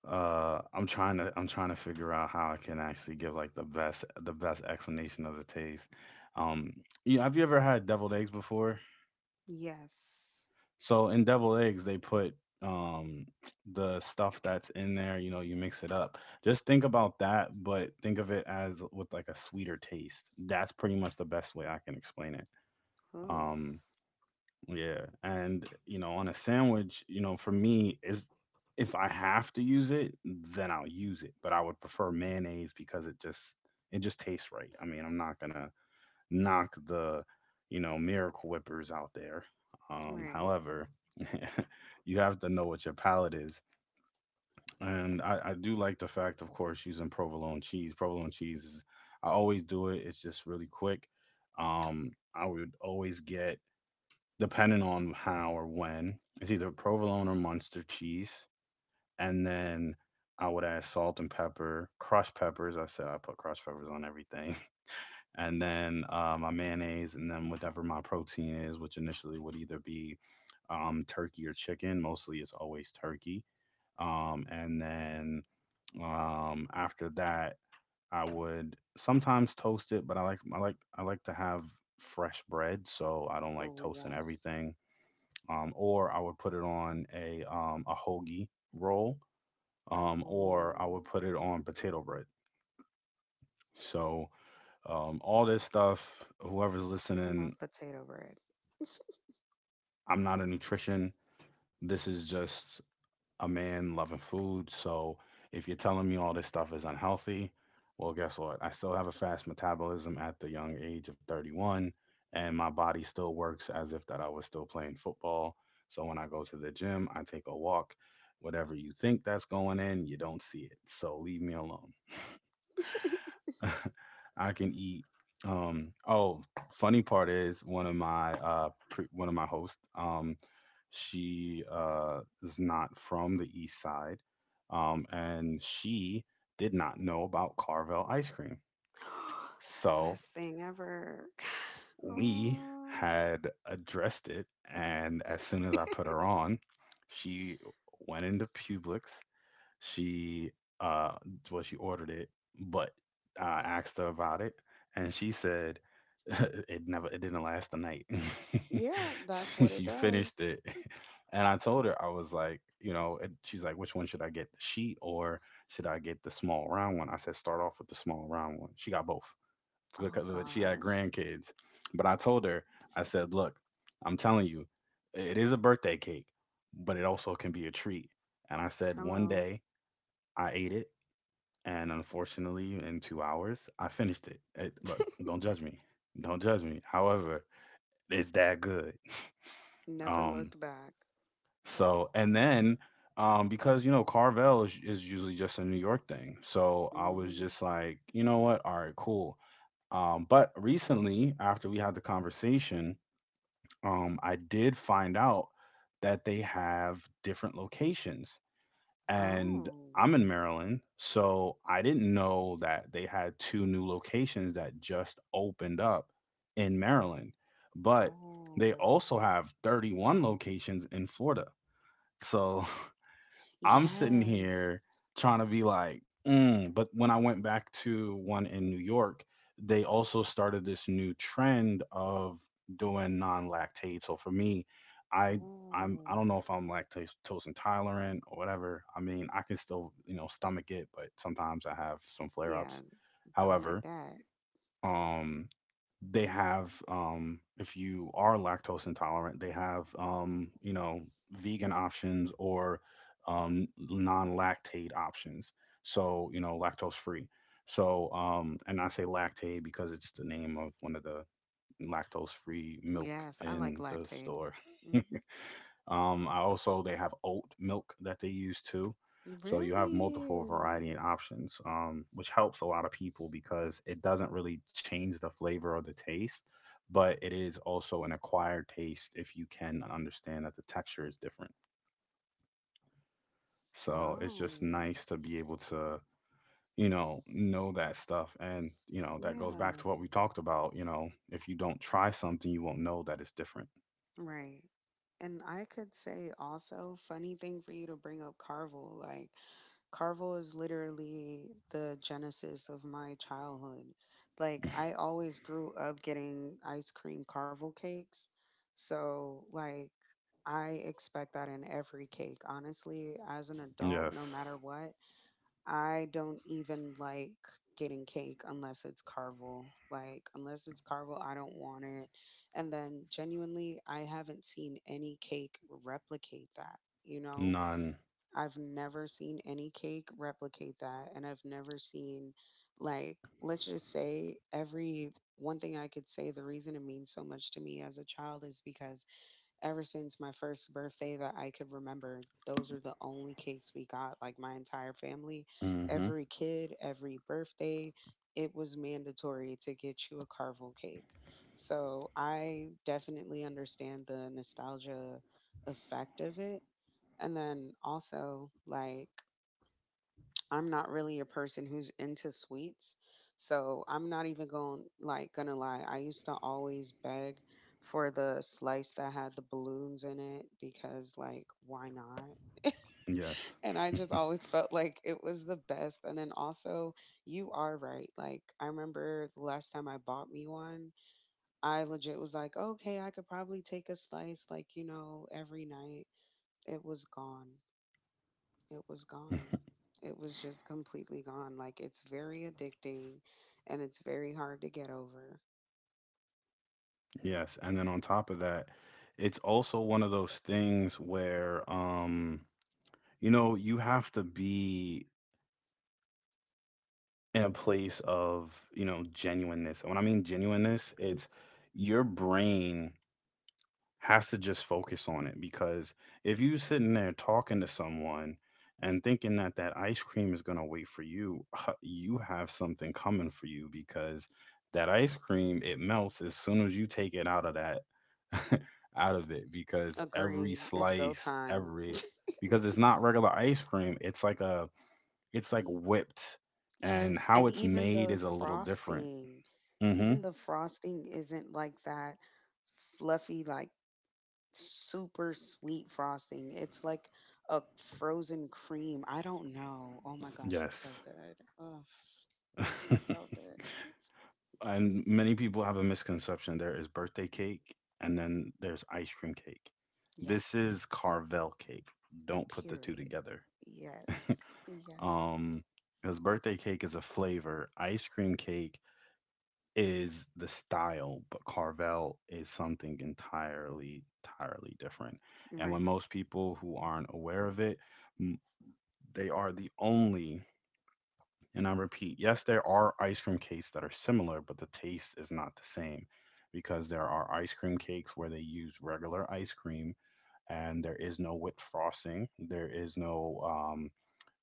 [SPEAKER 1] I'm trying to figure out how I can actually give like the best, explanation of the taste. um you have you ever had deviled eggs before?
[SPEAKER 2] Yes.
[SPEAKER 1] So in deviled eggs, they put, um the stuff that's in there, you know, you mix it up. Just think about that, but think of it as with like a sweeter taste. That's pretty much the best way I can explain it.
[SPEAKER 2] Oof.
[SPEAKER 1] Um yeah, and you know, on a sandwich, you know, for me, is if I have to use it, then I'll use it, but I would prefer mayonnaise because it just, it just tastes right. I mean, I'm not going to knock the, you know, miracle whippers out there.
[SPEAKER 2] Right.
[SPEAKER 1] However, you have to know what your palate is. And I do like the fact, of course, using provolone cheese. Provolone cheese is, I always do it. It's just really quick. I would always get, depending on how or when, it's either provolone or Munster cheese. And then I would add salt and pepper, crushed peppers. I said, I put crushed peppers on everything, and then my mayonnaise, and then whatever my protein is, which initially would either be, turkey or chicken. Mostly, it's always turkey. And then, after that, I would sometimes toast it, but I like, to have fresh bread, so I don't like
[SPEAKER 2] Oh,
[SPEAKER 1] toasting
[SPEAKER 2] yes.
[SPEAKER 1] everything. Or I would put it on a, hoagie roll, or I
[SPEAKER 2] Oh,
[SPEAKER 1] would put it on potato bread. So, all this stuff, whoever's
[SPEAKER 2] I
[SPEAKER 1] listening,
[SPEAKER 2] love potato bread.
[SPEAKER 1] I'm not a nutrition. This is just a man loving food. So if you're telling me all this stuff is unhealthy, well, guess what? I still have a fast metabolism at the young age of 31, and my body still works as if that I was still playing football. So when I go to the gym, I take a walk. Whatever you think that's going in, you don't see it. So leave me alone.
[SPEAKER 2] The
[SPEAKER 1] I can eat. Oh, funny part is, one of my hosts. She, is not from the East Side, and she did not know about Carvel ice cream. So
[SPEAKER 2] best thing ever.
[SPEAKER 1] we
[SPEAKER 2] Oh,
[SPEAKER 1] had addressed it, and as soon as I put her on, she went into Publix. She uh well she ordered it, but I asked her about it, and she said, it didn't last the night.
[SPEAKER 2] yeah, that's what it
[SPEAKER 1] She
[SPEAKER 2] does.
[SPEAKER 1] finished it. And I told her, I was like, you know, and she's like, which one should I get, the sheet, or should I get the small round one? I said, start off with the small round one. She got both, because
[SPEAKER 2] Oh,
[SPEAKER 1] but she had
[SPEAKER 2] gosh.
[SPEAKER 1] grandkids. But I told her, I said, look, I'm telling you, it is a birthday cake, but it also can be a treat. And I said, one
[SPEAKER 2] Hello.
[SPEAKER 1] day I ate it, and unfortunately, in 2 hours, I finished it. Look, don't judge me. Don't judge me. However, it's that good.
[SPEAKER 2] Never
[SPEAKER 1] Um,
[SPEAKER 2] looked back.
[SPEAKER 1] so, and then, because you know, Carvel is usually just a New York thing, so I was
[SPEAKER 2] Mm-hmm.
[SPEAKER 1] just like, you know what? All right, cool. But recently, after we had the conversation, I did find out that they have different locations, and
[SPEAKER 2] Oh,
[SPEAKER 1] I'm in Maryland, so I didn't know that they had two new locations that just opened up in Maryland, but they
[SPEAKER 2] oh,
[SPEAKER 1] also have 31 locations in Florida. So I'm sitting
[SPEAKER 2] yes.
[SPEAKER 1] here trying to be like, mm. But when I went back to one in New York, they also started this new trend of doing non-lactate. So for me, I I
[SPEAKER 2] Oh,
[SPEAKER 1] don't know if I'm lactose intolerant or whatever. I mean, I can still, you know, stomach it, but sometimes I have some
[SPEAKER 2] yeah.
[SPEAKER 1] flare-ups.
[SPEAKER 2] Don't let
[SPEAKER 1] However,
[SPEAKER 2] that.
[SPEAKER 1] um, they have, if you are lactose intolerant, they have, you know, vegan options, or non-lactate options, so you know, lactose free. So and I say lactate because it's the name of one of the lactose free milk
[SPEAKER 2] Yes, I like
[SPEAKER 1] in the
[SPEAKER 2] Lactaid.
[SPEAKER 1] store.
[SPEAKER 2] hmm
[SPEAKER 1] I also they have oat milk that they use too. So you have multiple variety
[SPEAKER 2] Really?
[SPEAKER 1] and options, which helps a lot of people, because it doesn't really change the flavor or the taste, but it is also an acquired taste, if you can understand that the texture is different. So it's just
[SPEAKER 2] Oh,
[SPEAKER 1] nice to be able to, you know that stuff. And, you know, that goes back
[SPEAKER 2] yeah,
[SPEAKER 1] to what we talked about. You know, if you don't try something, you won't know that it's different.
[SPEAKER 2] right. And I could say also, funny thing for you to bring up Carvel. Like, Carvel is literally the genesis of my childhood. Like, I always grew up getting ice cream Carvel cakes. So, like, I expect that in every cake. Honestly, as an adult, no
[SPEAKER 1] Yes.
[SPEAKER 2] matter what, I don't even like getting cake unless it's Carvel. Like, unless it's Carvel, I don't want it. And then, genuinely, I haven't seen any cake replicate that. You know,
[SPEAKER 1] None.
[SPEAKER 2] I've never seen any cake replicate that. And I've never seen, like, let's just say, every one thing I could say, the reason it means so much to me as a child is because ever since my first birthday that I could remember, those are the only cakes we got. Like my entire family,
[SPEAKER 1] Hmm.
[SPEAKER 2] every kid, every birthday, it was mandatory to get you a Carvel cake. So I definitely understand the nostalgia effect of it. And then also, like, I'm not really a person who's into sweets. So I'm not even going like gonna lie. I used to always beg for the slice that had the balloons in it because like why not?
[SPEAKER 1] Yes.
[SPEAKER 2] And I just always felt like it was the best. And then also you are right. Like I remember the last time I bought me one, I legit was like, okay, I could probably take a slice like, you know, every night. It was gone. It was gone. It was just completely gone. Like it's very addicting and it's very hard to get over.
[SPEAKER 1] Yes. And then on top of that, it's also one of those things where, you know, you have to be in a place of, you know, genuineness. And when I mean genuineness, it's, your brain has to just focus on it, because if you sitting there talking to someone and thinking that that ice cream is going to wait for you, you have something coming for you, because that ice cream, it melts as soon as you take it out of that, out of it, because every
[SPEAKER 2] Agreed. It's go
[SPEAKER 1] slice,
[SPEAKER 2] time.
[SPEAKER 1] every because it's not regular ice cream. It's like whipped, and
[SPEAKER 2] Yes,
[SPEAKER 1] how
[SPEAKER 2] and
[SPEAKER 1] it's made is a little different. Mhm.
[SPEAKER 2] even the frosting isn't like that fluffy, like super sweet frosting. It's like a frozen cream. I don't know. Oh my gosh, it's so
[SPEAKER 1] Yes.
[SPEAKER 2] good. Ugh, so good.
[SPEAKER 1] And many people have a misconception. There is birthday cake, and then there's ice cream cake. This
[SPEAKER 2] Yes,
[SPEAKER 1] is Carvel cake. Don't put the two
[SPEAKER 2] period.
[SPEAKER 1] together.
[SPEAKER 2] Yes, yes.
[SPEAKER 1] Um, because birthday cake is a flavor, ice cream cake is the style, but Carvel is something entirely, entirely different. And when
[SPEAKER 2] Right.
[SPEAKER 1] most people who aren't aware of it, m- they are the only. And I repeat, yes, there are ice cream cakes that are similar, but the taste is not the same, because there are ice cream cakes where they use regular ice cream and there is no whipped frosting, there is no, um,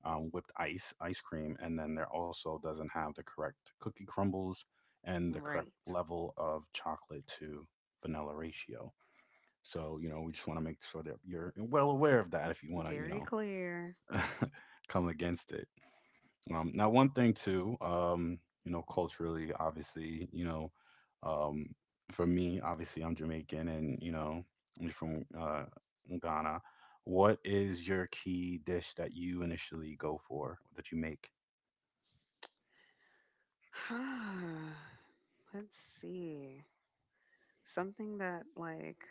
[SPEAKER 1] um, whipped ice cream, and then there also doesn't have the correct cookie crumbles and the correct
[SPEAKER 2] Right.
[SPEAKER 1] level of chocolate to vanilla ratio. So, you know, we just want to make sure that you're well aware of that if you want to, you
[SPEAKER 2] Very
[SPEAKER 1] know,
[SPEAKER 2] clear.
[SPEAKER 1] come against it. Now, one thing too, you know, culturally, obviously, you know, um, for me, obviously, I'm Jamaican, and you know, I'm from, Ghana. What is your key dish that you initially go for, that you make?
[SPEAKER 2] Let's see. Something that like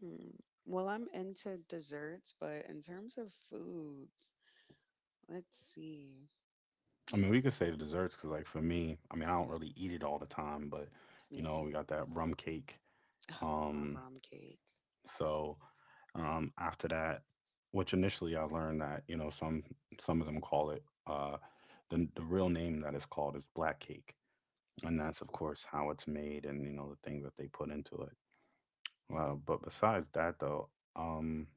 [SPEAKER 2] hmm, well, I'm into desserts, but in terms of foods, let's see.
[SPEAKER 1] I mean, we could say the desserts, because like, for me, I mean, I don't really eat it all the time, but you
[SPEAKER 2] Me
[SPEAKER 1] know,
[SPEAKER 2] too.
[SPEAKER 1] we got that rum cake.
[SPEAKER 2] Love
[SPEAKER 1] Um,
[SPEAKER 2] rum cake.
[SPEAKER 1] So after that, which initially I learned that you know, some of them call it, the real name that it's called is black cake, and that's of course how it's made and you know the things that they put into it. But besides that though, um,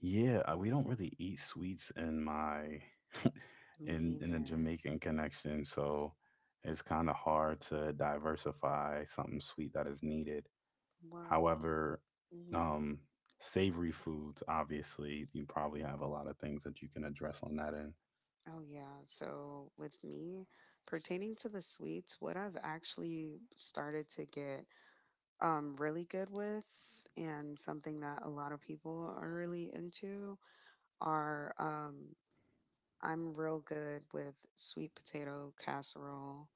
[SPEAKER 1] yeah, we don't really eat sweets in my
[SPEAKER 2] Me
[SPEAKER 1] in a
[SPEAKER 2] either.
[SPEAKER 1] Jamaican connection, so it's kind of hard to diversify something sweet that is needed.
[SPEAKER 2] Well,
[SPEAKER 1] However,
[SPEAKER 2] mhm.
[SPEAKER 1] um, savory foods, obviously, you probably have a lot of things that you can address on that end.
[SPEAKER 2] Oh yeah. So with me, pertaining to the sweets, what I've actually started to get really good with and something that a lot of people are really into are I'm real good with sweet potato casserole.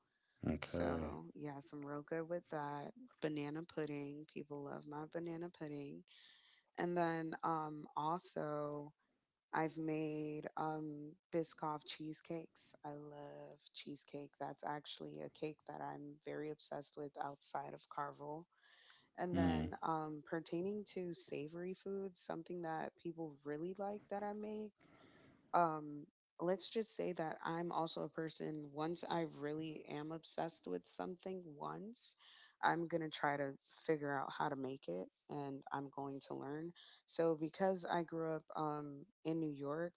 [SPEAKER 1] Okay.
[SPEAKER 2] So, yes, I'm real good with that. Banana pudding. People love my banana pudding. And then also, I've made Biscoff cheesecakes. I love cheesecake. That's actually a cake that I'm very obsessed with outside of Carvel. And
[SPEAKER 1] Mm.
[SPEAKER 2] then pertaining to savory foods, something that people really like that I make um let's just say that I'm also a person. Once I really am obsessed with something, once I'm going to try to figure out how to make it, and I'm going to learn. So because I grew up in New York,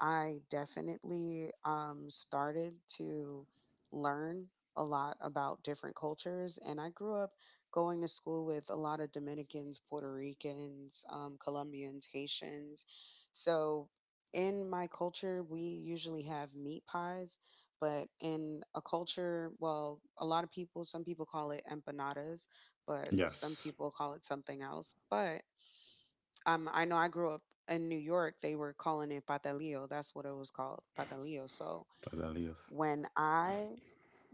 [SPEAKER 2] I definitely started to learn a lot about different cultures, and I grew up going to school with a lot of Dominicans, Puerto Ricans, Colombians, Haitians. So in my culture, we usually have meat pies, but in a culture, well, a lot of people, some people call it empanadas, but some
[SPEAKER 1] Yes.
[SPEAKER 2] people call it something else. But I know I grew up in New York, they were calling it patelillo. That's what it was called, patelillo. So
[SPEAKER 1] Azaleas.
[SPEAKER 2] when I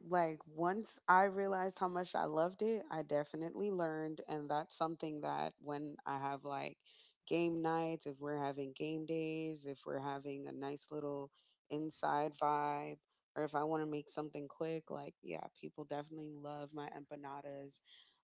[SPEAKER 2] like once I realized how much I loved it, I definitely learned, and that's something that when I have like game nights, if we're having game days, if we're having a nice little inside vibe or if I want to make something quick, like yeah, people definitely love my empanadas.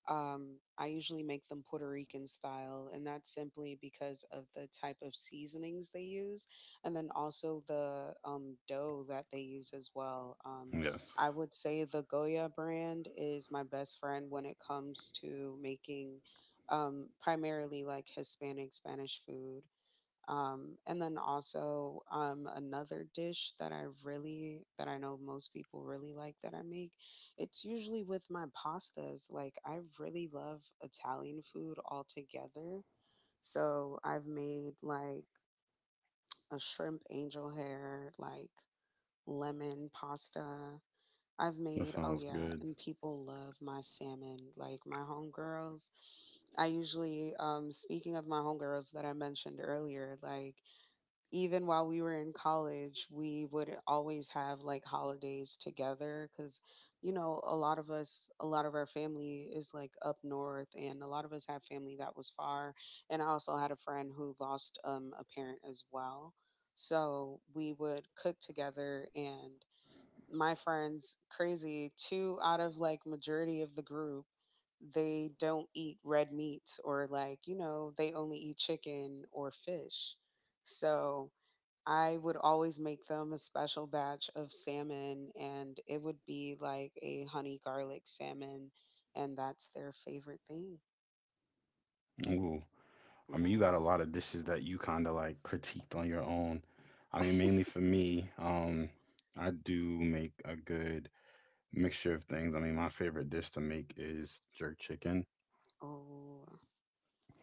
[SPEAKER 2] I usually make them Puerto Rican style, and that's simply because of the type of seasonings they use and then also the dough that they use as well.
[SPEAKER 1] Yes.
[SPEAKER 2] I would say the Goya brand is my best friend when it comes to making primarily like Hispanic Spanish food. And then also another dish that I really that I know most people really like that I make. It's usually with my pastas. Like I really love Italian food altogether. So I've made like a shrimp angel hair, like lemon pasta. I've
[SPEAKER 1] That
[SPEAKER 2] made, oh
[SPEAKER 1] sounds
[SPEAKER 2] yeah,
[SPEAKER 1] good.
[SPEAKER 2] and people love my salmon. Like my homegirls, I usually, speaking of my homegirls that I mentioned earlier, like even while we were in college, we would always have like holidays together because, you know, a lot of us, a lot of our family is like up north, and a lot of us have family that was far. And I also had a friend who lost a parent as well. So we would cook together, and my friends, crazy, two out of like majority of the group they don't eat red meat or like you know they only eat chicken or fish, so I would always make them a special batch of salmon, and it would be like a honey garlic salmon, and that's their favorite thing.
[SPEAKER 1] Ooh. I mean, you got a
[SPEAKER 2] Yes.
[SPEAKER 1] lot of dishes that you kind of like critiqued on your own. I mean, mainly for me, I do make a good mixture of things. I mean, my favorite dish to make is jerk chicken.
[SPEAKER 2] Oh,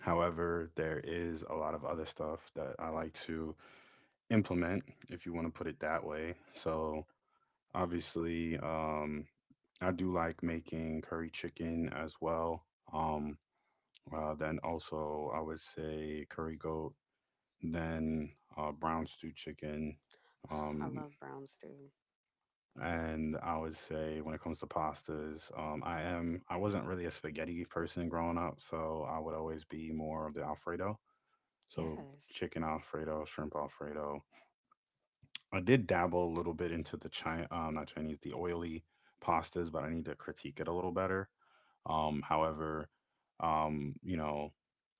[SPEAKER 1] However, there is a lot of other stuff that I like to implement, if you want to put it that way. So obviously, I do like making curry chicken as well. Um, then also, I would say curry goat, then brown stew chicken.
[SPEAKER 2] I
[SPEAKER 1] Um,
[SPEAKER 2] love brown stew.
[SPEAKER 1] and I would say when it comes to pastas, I wasn't really a spaghetti person growing up, so I would always be more of the Alfredo. So
[SPEAKER 2] Yes.
[SPEAKER 1] chicken Alfredo, shrimp Alfredo, I did dabble a little bit into the China, not Chinese, the oily pastas, but I need to critique it a little better. However, you know,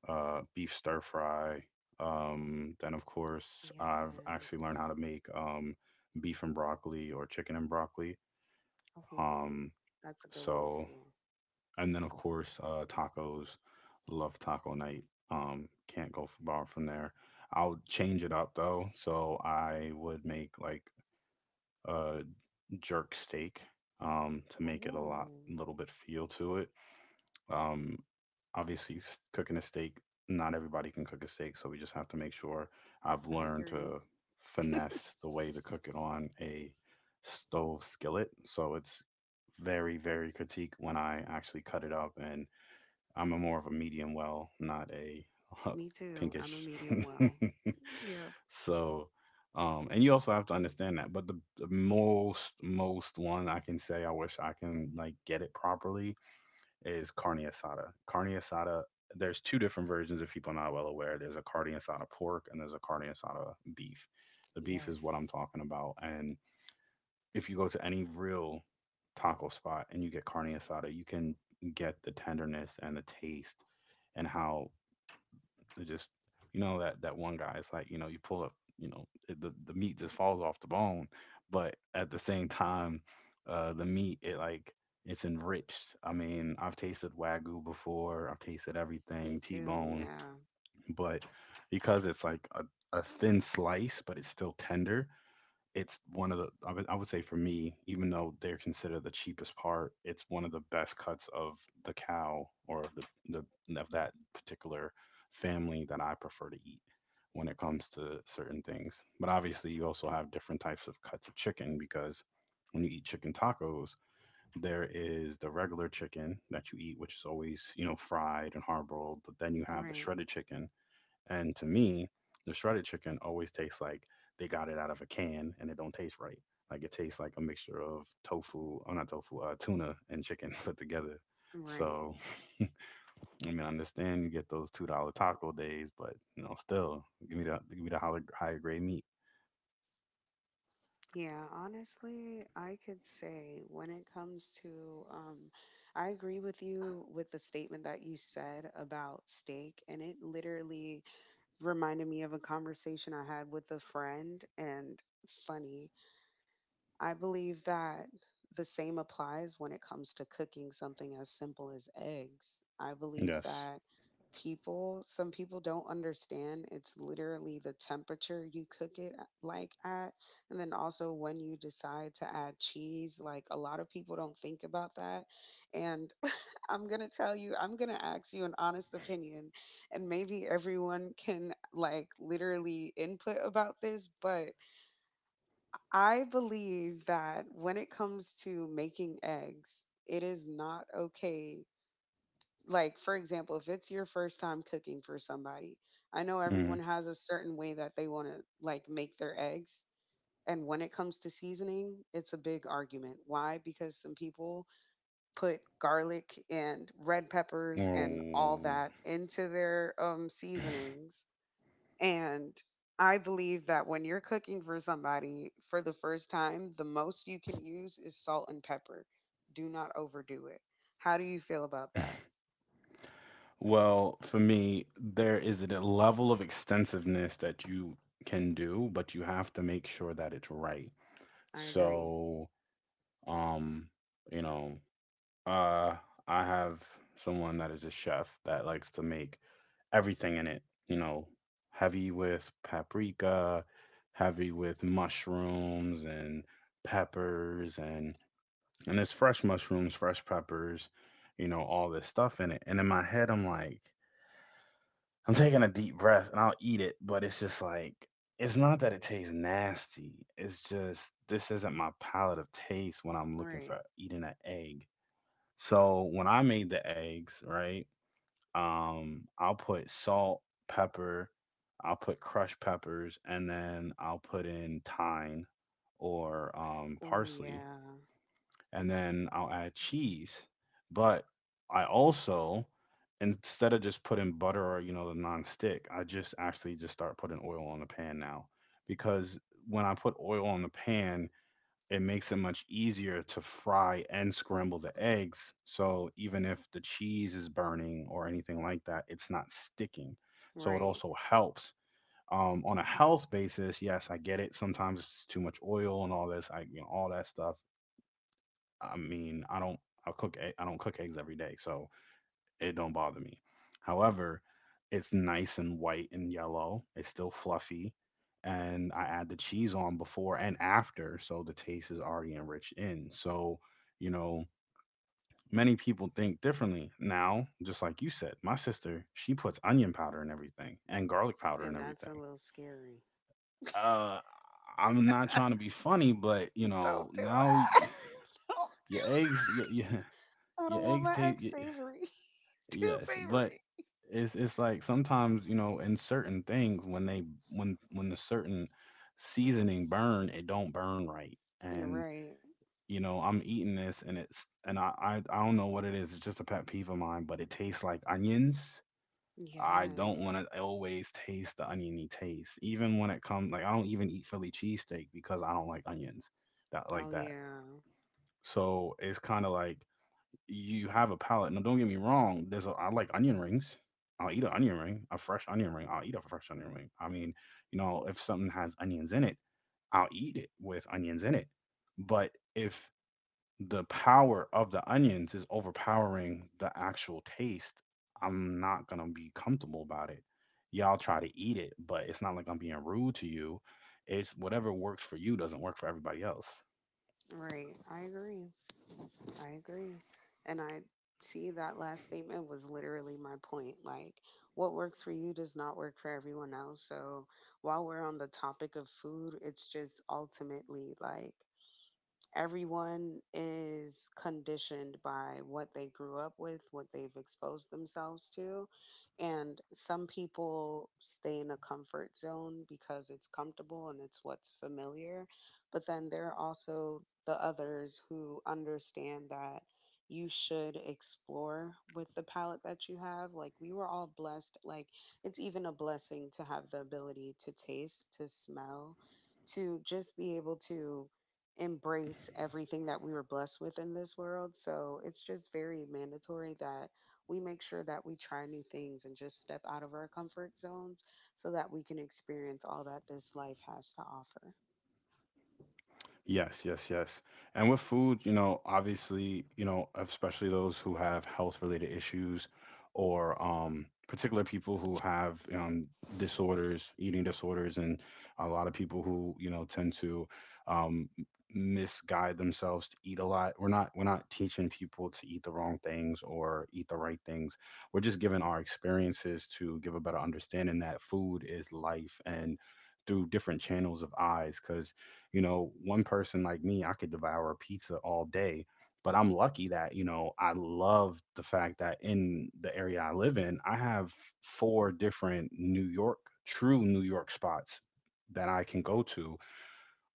[SPEAKER 1] beef stir fry. Then of course, I've
[SPEAKER 2] Yes.
[SPEAKER 1] actually learned how to make, beef and broccoli or chicken and broccoli.
[SPEAKER 2] Oh,
[SPEAKER 1] Um,
[SPEAKER 2] that's a good one
[SPEAKER 1] so,
[SPEAKER 2] too.
[SPEAKER 1] and then of course, tacos. Love taco night. Can't go far from there. I'll change it up though. So I would make like a jerk steak to make it a lot,
[SPEAKER 2] Oh,
[SPEAKER 1] little bit feel to it. Um, Obviously, cooking a steak, not everybody can cook a steak, so we just have to make sure. I've
[SPEAKER 2] I
[SPEAKER 1] learned
[SPEAKER 2] agree.
[SPEAKER 1] to finesse the way to cook it on a stove skillet, so it's very, very critique when I actually cut it up, and I'm a more of a medium well, not a
[SPEAKER 2] Me too. I'm a
[SPEAKER 1] pinkish.
[SPEAKER 2] medium well. Yep.
[SPEAKER 1] So and you also have to understand that. But the most one I can say I wish I can like get it properly is carne asada. Carne asada. There's two different versions if people are not well aware. There's a carne asada pork and there's a carne asada beef. The beef is
[SPEAKER 2] Yes.
[SPEAKER 1] what I'm talking about. And if you go to any real taco spot and you get carne asada, you can get the tenderness and the taste and how it just, you know, that one guy. It's like you know, you pull up, you know, it, the meat just falls off the bone, but at the same time, the meat it like it's enriched. I mean, I've tasted wagyu before. I've tasted
[SPEAKER 2] Me
[SPEAKER 1] everything
[SPEAKER 2] too.
[SPEAKER 1] T-bone,
[SPEAKER 2] Yeah.
[SPEAKER 1] but because it's like a thin slice, but it's still tender it's one of the I would say for me even though they're considered the cheapest part it's one of the best cuts of the cow or the of that particular family that I prefer to eat when it comes to certain things, but obviously you also have different types of cuts of chicken because when you eat chicken tacos there is the regular chicken that you eat which is always you know fried and hard boiled, but then you have the
[SPEAKER 2] Right.
[SPEAKER 1] shredded chicken. And to me, the shredded chicken always tastes like they got it out of a can and it don't taste right. Like it tastes like a mixture of tofu, oh not tofu, tuna and chicken put together.
[SPEAKER 2] Right.
[SPEAKER 1] So I mean, I understand you get those $2 taco days, but you know, still give me the higher, higher grade meat.
[SPEAKER 2] Yeah, honestly, I could say when it comes to, I agree with you with the statement that you said about steak, and it literally reminded me of a conversation I had with a friend. And it's funny, I believe that the same applies when it comes to cooking something as simple as eggs. I believe
[SPEAKER 1] Yes.
[SPEAKER 2] that people, some people don't understand it's literally the temperature you cook it like at. And then also when you decide to add cheese, like a lot of people don't think about that. And I'm going to tell you, I'm going to ask you an honest opinion. And maybe everyone can like literally input about this, but I believe that when it comes to making eggs, it is not okay. Like, for example, if it's your first time cooking for somebody, I know
[SPEAKER 1] Mm.
[SPEAKER 2] everyone has a certain way that they want to like make their eggs. And when it comes to seasoning, it's a big argument. Why? Because some people put garlic and red peppers and all
[SPEAKER 1] Oh.
[SPEAKER 2] that into their seasonings, and I believe that when you're cooking for somebody for the first time, the most you can use is salt and pepper. Do not overdo it. How do you feel about that?
[SPEAKER 1] Well, for me, there is a level of extensiveness that you can do, but you have to make sure that it's right.
[SPEAKER 2] I agree.
[SPEAKER 1] So Um, you know, uh, I have someone that is a chef that likes to make everything in it, you know, heavy with paprika, heavy with mushrooms and peppers and there's fresh mushrooms, fresh peppers, you know, all this stuff in it. And in my head I'm like, I'm taking a deep breath and I'll eat it, but it's just like it's not that it tastes nasty. It's just this isn't my palate of taste when I'm looking
[SPEAKER 2] Right.
[SPEAKER 1] for eating an egg. So when I made the eggs, right, I'll put salt, pepper, I'll put crushed peppers, and then I'll put in thyme or
[SPEAKER 2] Oh,
[SPEAKER 1] parsley,
[SPEAKER 2] yeah.
[SPEAKER 1] and then I'll add cheese. But I also, instead of just putting butter or you know the non-stick, I just actually just start putting oil on the pan now, because when I put oil on the pan, it makes it much easier to fry and scramble the eggs. So even if the cheese is burning or anything like that, it's not sticking. So it
[SPEAKER 2] Right.
[SPEAKER 1] also helps. On a health basis, yes, I get it. Sometimes it's too much oil and all this. I, you know, all that stuff. I mean, I don't. I cook. I don't cook eggs every day, so it don't bother me. However, it's nice and white and yellow. It's still fluffy. And I add the cheese on before and after, so the taste is already enriched in. So, you know, many people think differently. Now, just like you said, my sister, she puts onion powder in everything and garlic powder in
[SPEAKER 2] And that's a
[SPEAKER 1] everything.
[SPEAKER 2] little scary.
[SPEAKER 1] Uh, I'm not
[SPEAKER 2] Don't
[SPEAKER 1] trying to be funny, but
[SPEAKER 2] do
[SPEAKER 1] you know, now
[SPEAKER 2] that. Don't
[SPEAKER 1] your
[SPEAKER 2] do
[SPEAKER 1] eggs,
[SPEAKER 2] that. I
[SPEAKER 1] your
[SPEAKER 2] don't want
[SPEAKER 1] eggs
[SPEAKER 2] my
[SPEAKER 1] taste.
[SPEAKER 2] eggs savory. Too
[SPEAKER 1] Yes, but
[SPEAKER 2] savory.
[SPEAKER 1] it's like sometimes you know in certain things when they when the certain seasoning burn it don't burn right
[SPEAKER 2] You're
[SPEAKER 1] and
[SPEAKER 2] right.
[SPEAKER 1] you know I'm eating this and it's and I don't know what it is. It's just a pet peeve of mine, but it tastes like onions. I don't
[SPEAKER 2] Yes.
[SPEAKER 1] want to always taste the oniony taste even when it comes like I don't even eat Philly cheesesteak because I don't like onions that like
[SPEAKER 2] Oh,
[SPEAKER 1] that,
[SPEAKER 2] yeah.
[SPEAKER 1] so it's kind of like you have a palate. Now, don't get me wrong. There's a, I like onion rings. I'll eat an onion ring, a fresh onion ring. I'll eat a fresh onion ring. I mean, you know, if something has onions in it, I'll eat it with onions in it. But if the power of the onions is overpowering the actual taste, I'm not gonna be comfortable about it. Y'all try to eat it, but it's not like I'm being rude to you. It's whatever works for you doesn't work for everybody else.
[SPEAKER 2] Right. I agree. I agree. And I see that last statement was literally my point. Like, what works for you does not work for everyone else. So, while we're on the topic of food, it's just ultimately like, everyone is conditioned by what they grew up with, what they've exposed themselves to. And some people stay in a comfort zone because it's comfortable and it's what's familiar. But then there are also the others who understand that you should explore with the palette that you have. Like, we were all blessed. Like, it's even a blessing to have the ability to taste, to smell, to just be able to embrace everything that we were blessed with in this world. So it's just very mandatory that we make sure that we try new things and just step out of our comfort zones so that we can experience all that this life has to offer.
[SPEAKER 1] Yes, yes, yes. And with food, you know, obviously, you know, especially those who have health related issues or particular people who have disorders, eating disorders and a lot of people who, you know, tend to um m- misguide themselves to eat a lot. We're not teaching people to eat the wrong things or eat the right things. We're just giving our experiences to give a better understanding that food is life and through different channels of eyes, because you know, one person like me, I could devour a pizza all day, but I'm lucky that, you know, I love the fact that in the area I live in, I have four different New York, true New York spots that I can go to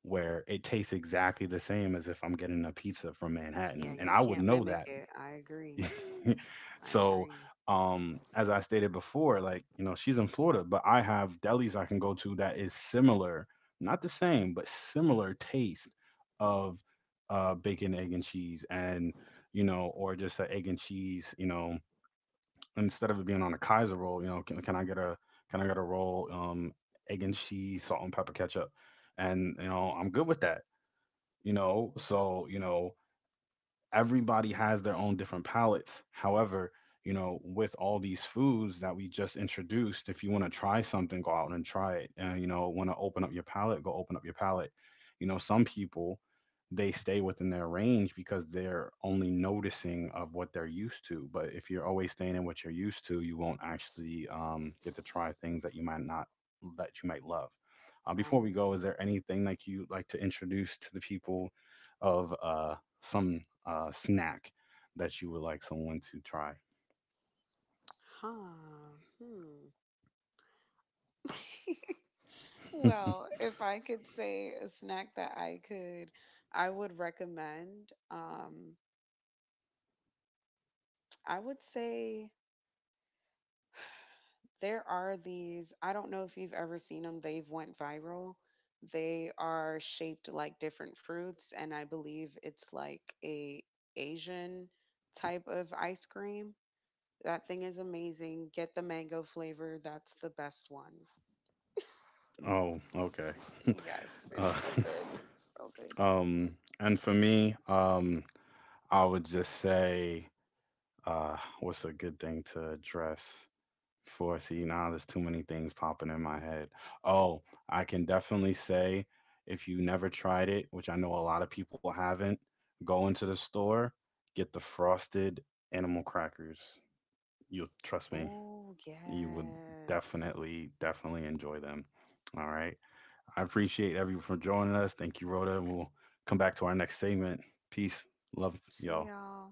[SPEAKER 1] where it tastes exactly the same as if I'm getting a pizza from
[SPEAKER 2] Yeah,
[SPEAKER 1] Manhattan. And
[SPEAKER 2] you
[SPEAKER 1] I would
[SPEAKER 2] can't
[SPEAKER 1] know
[SPEAKER 2] mimic
[SPEAKER 1] that.
[SPEAKER 2] it. I agree. I
[SPEAKER 1] So
[SPEAKER 2] agree.
[SPEAKER 1] as I stated before, like you know, she's in Florida, but I have delis I can go to that is similar, not the same, but similar taste of bacon egg and cheese, and you know, or just an egg and cheese, you know, instead of it being on a kaiser roll. You know, can I get a roll egg and cheese, salt and pepper, ketchup, and you know, I'm good with that. You know, so you know, everybody has their own different palates. However, you know, with all these foods that we just introduced, if you want to try something, go out and try it. And you know, want to open up your palate, go open up your palate. You know, some people they stay within their range because they're only noticing of what they're used to. But if you're always staying in what you're used to, you won't actually get to try things that you might not that you might love.
[SPEAKER 2] I
[SPEAKER 1] Before we go,
[SPEAKER 2] agree.
[SPEAKER 1] is there anything like you like to introduce to the people of some snack that you would like someone to try?
[SPEAKER 2] Huh. Hmm. Well, if I could say a snack that I could, I would recommend, I would say there are these, I don't know if you've ever seen them, they've went viral, they are shaped like different fruits, and I believe it's like a Asian type of ice cream. That thing is amazing. Get the mango flavor, that's the best one.
[SPEAKER 1] Oh, okay.
[SPEAKER 2] Yes, it's
[SPEAKER 1] uh,
[SPEAKER 2] so good, so good.
[SPEAKER 1] and for me, I would just say, what's a good thing to address? For see, now there's too many things popping in my head. Oh, I can definitely say if you never tried it, which I know a lot of people haven't, go into the store, get the frosted animal crackers. You'll trust me,
[SPEAKER 2] Oh
[SPEAKER 1] you would
[SPEAKER 2] yes,
[SPEAKER 1] definitely, definitely enjoy them. All right. I appreciate everyone for joining us. Thank you, Rhoda. We'll come back to our next segment. Peace. Love
[SPEAKER 2] see
[SPEAKER 1] y'all.
[SPEAKER 2] y'all.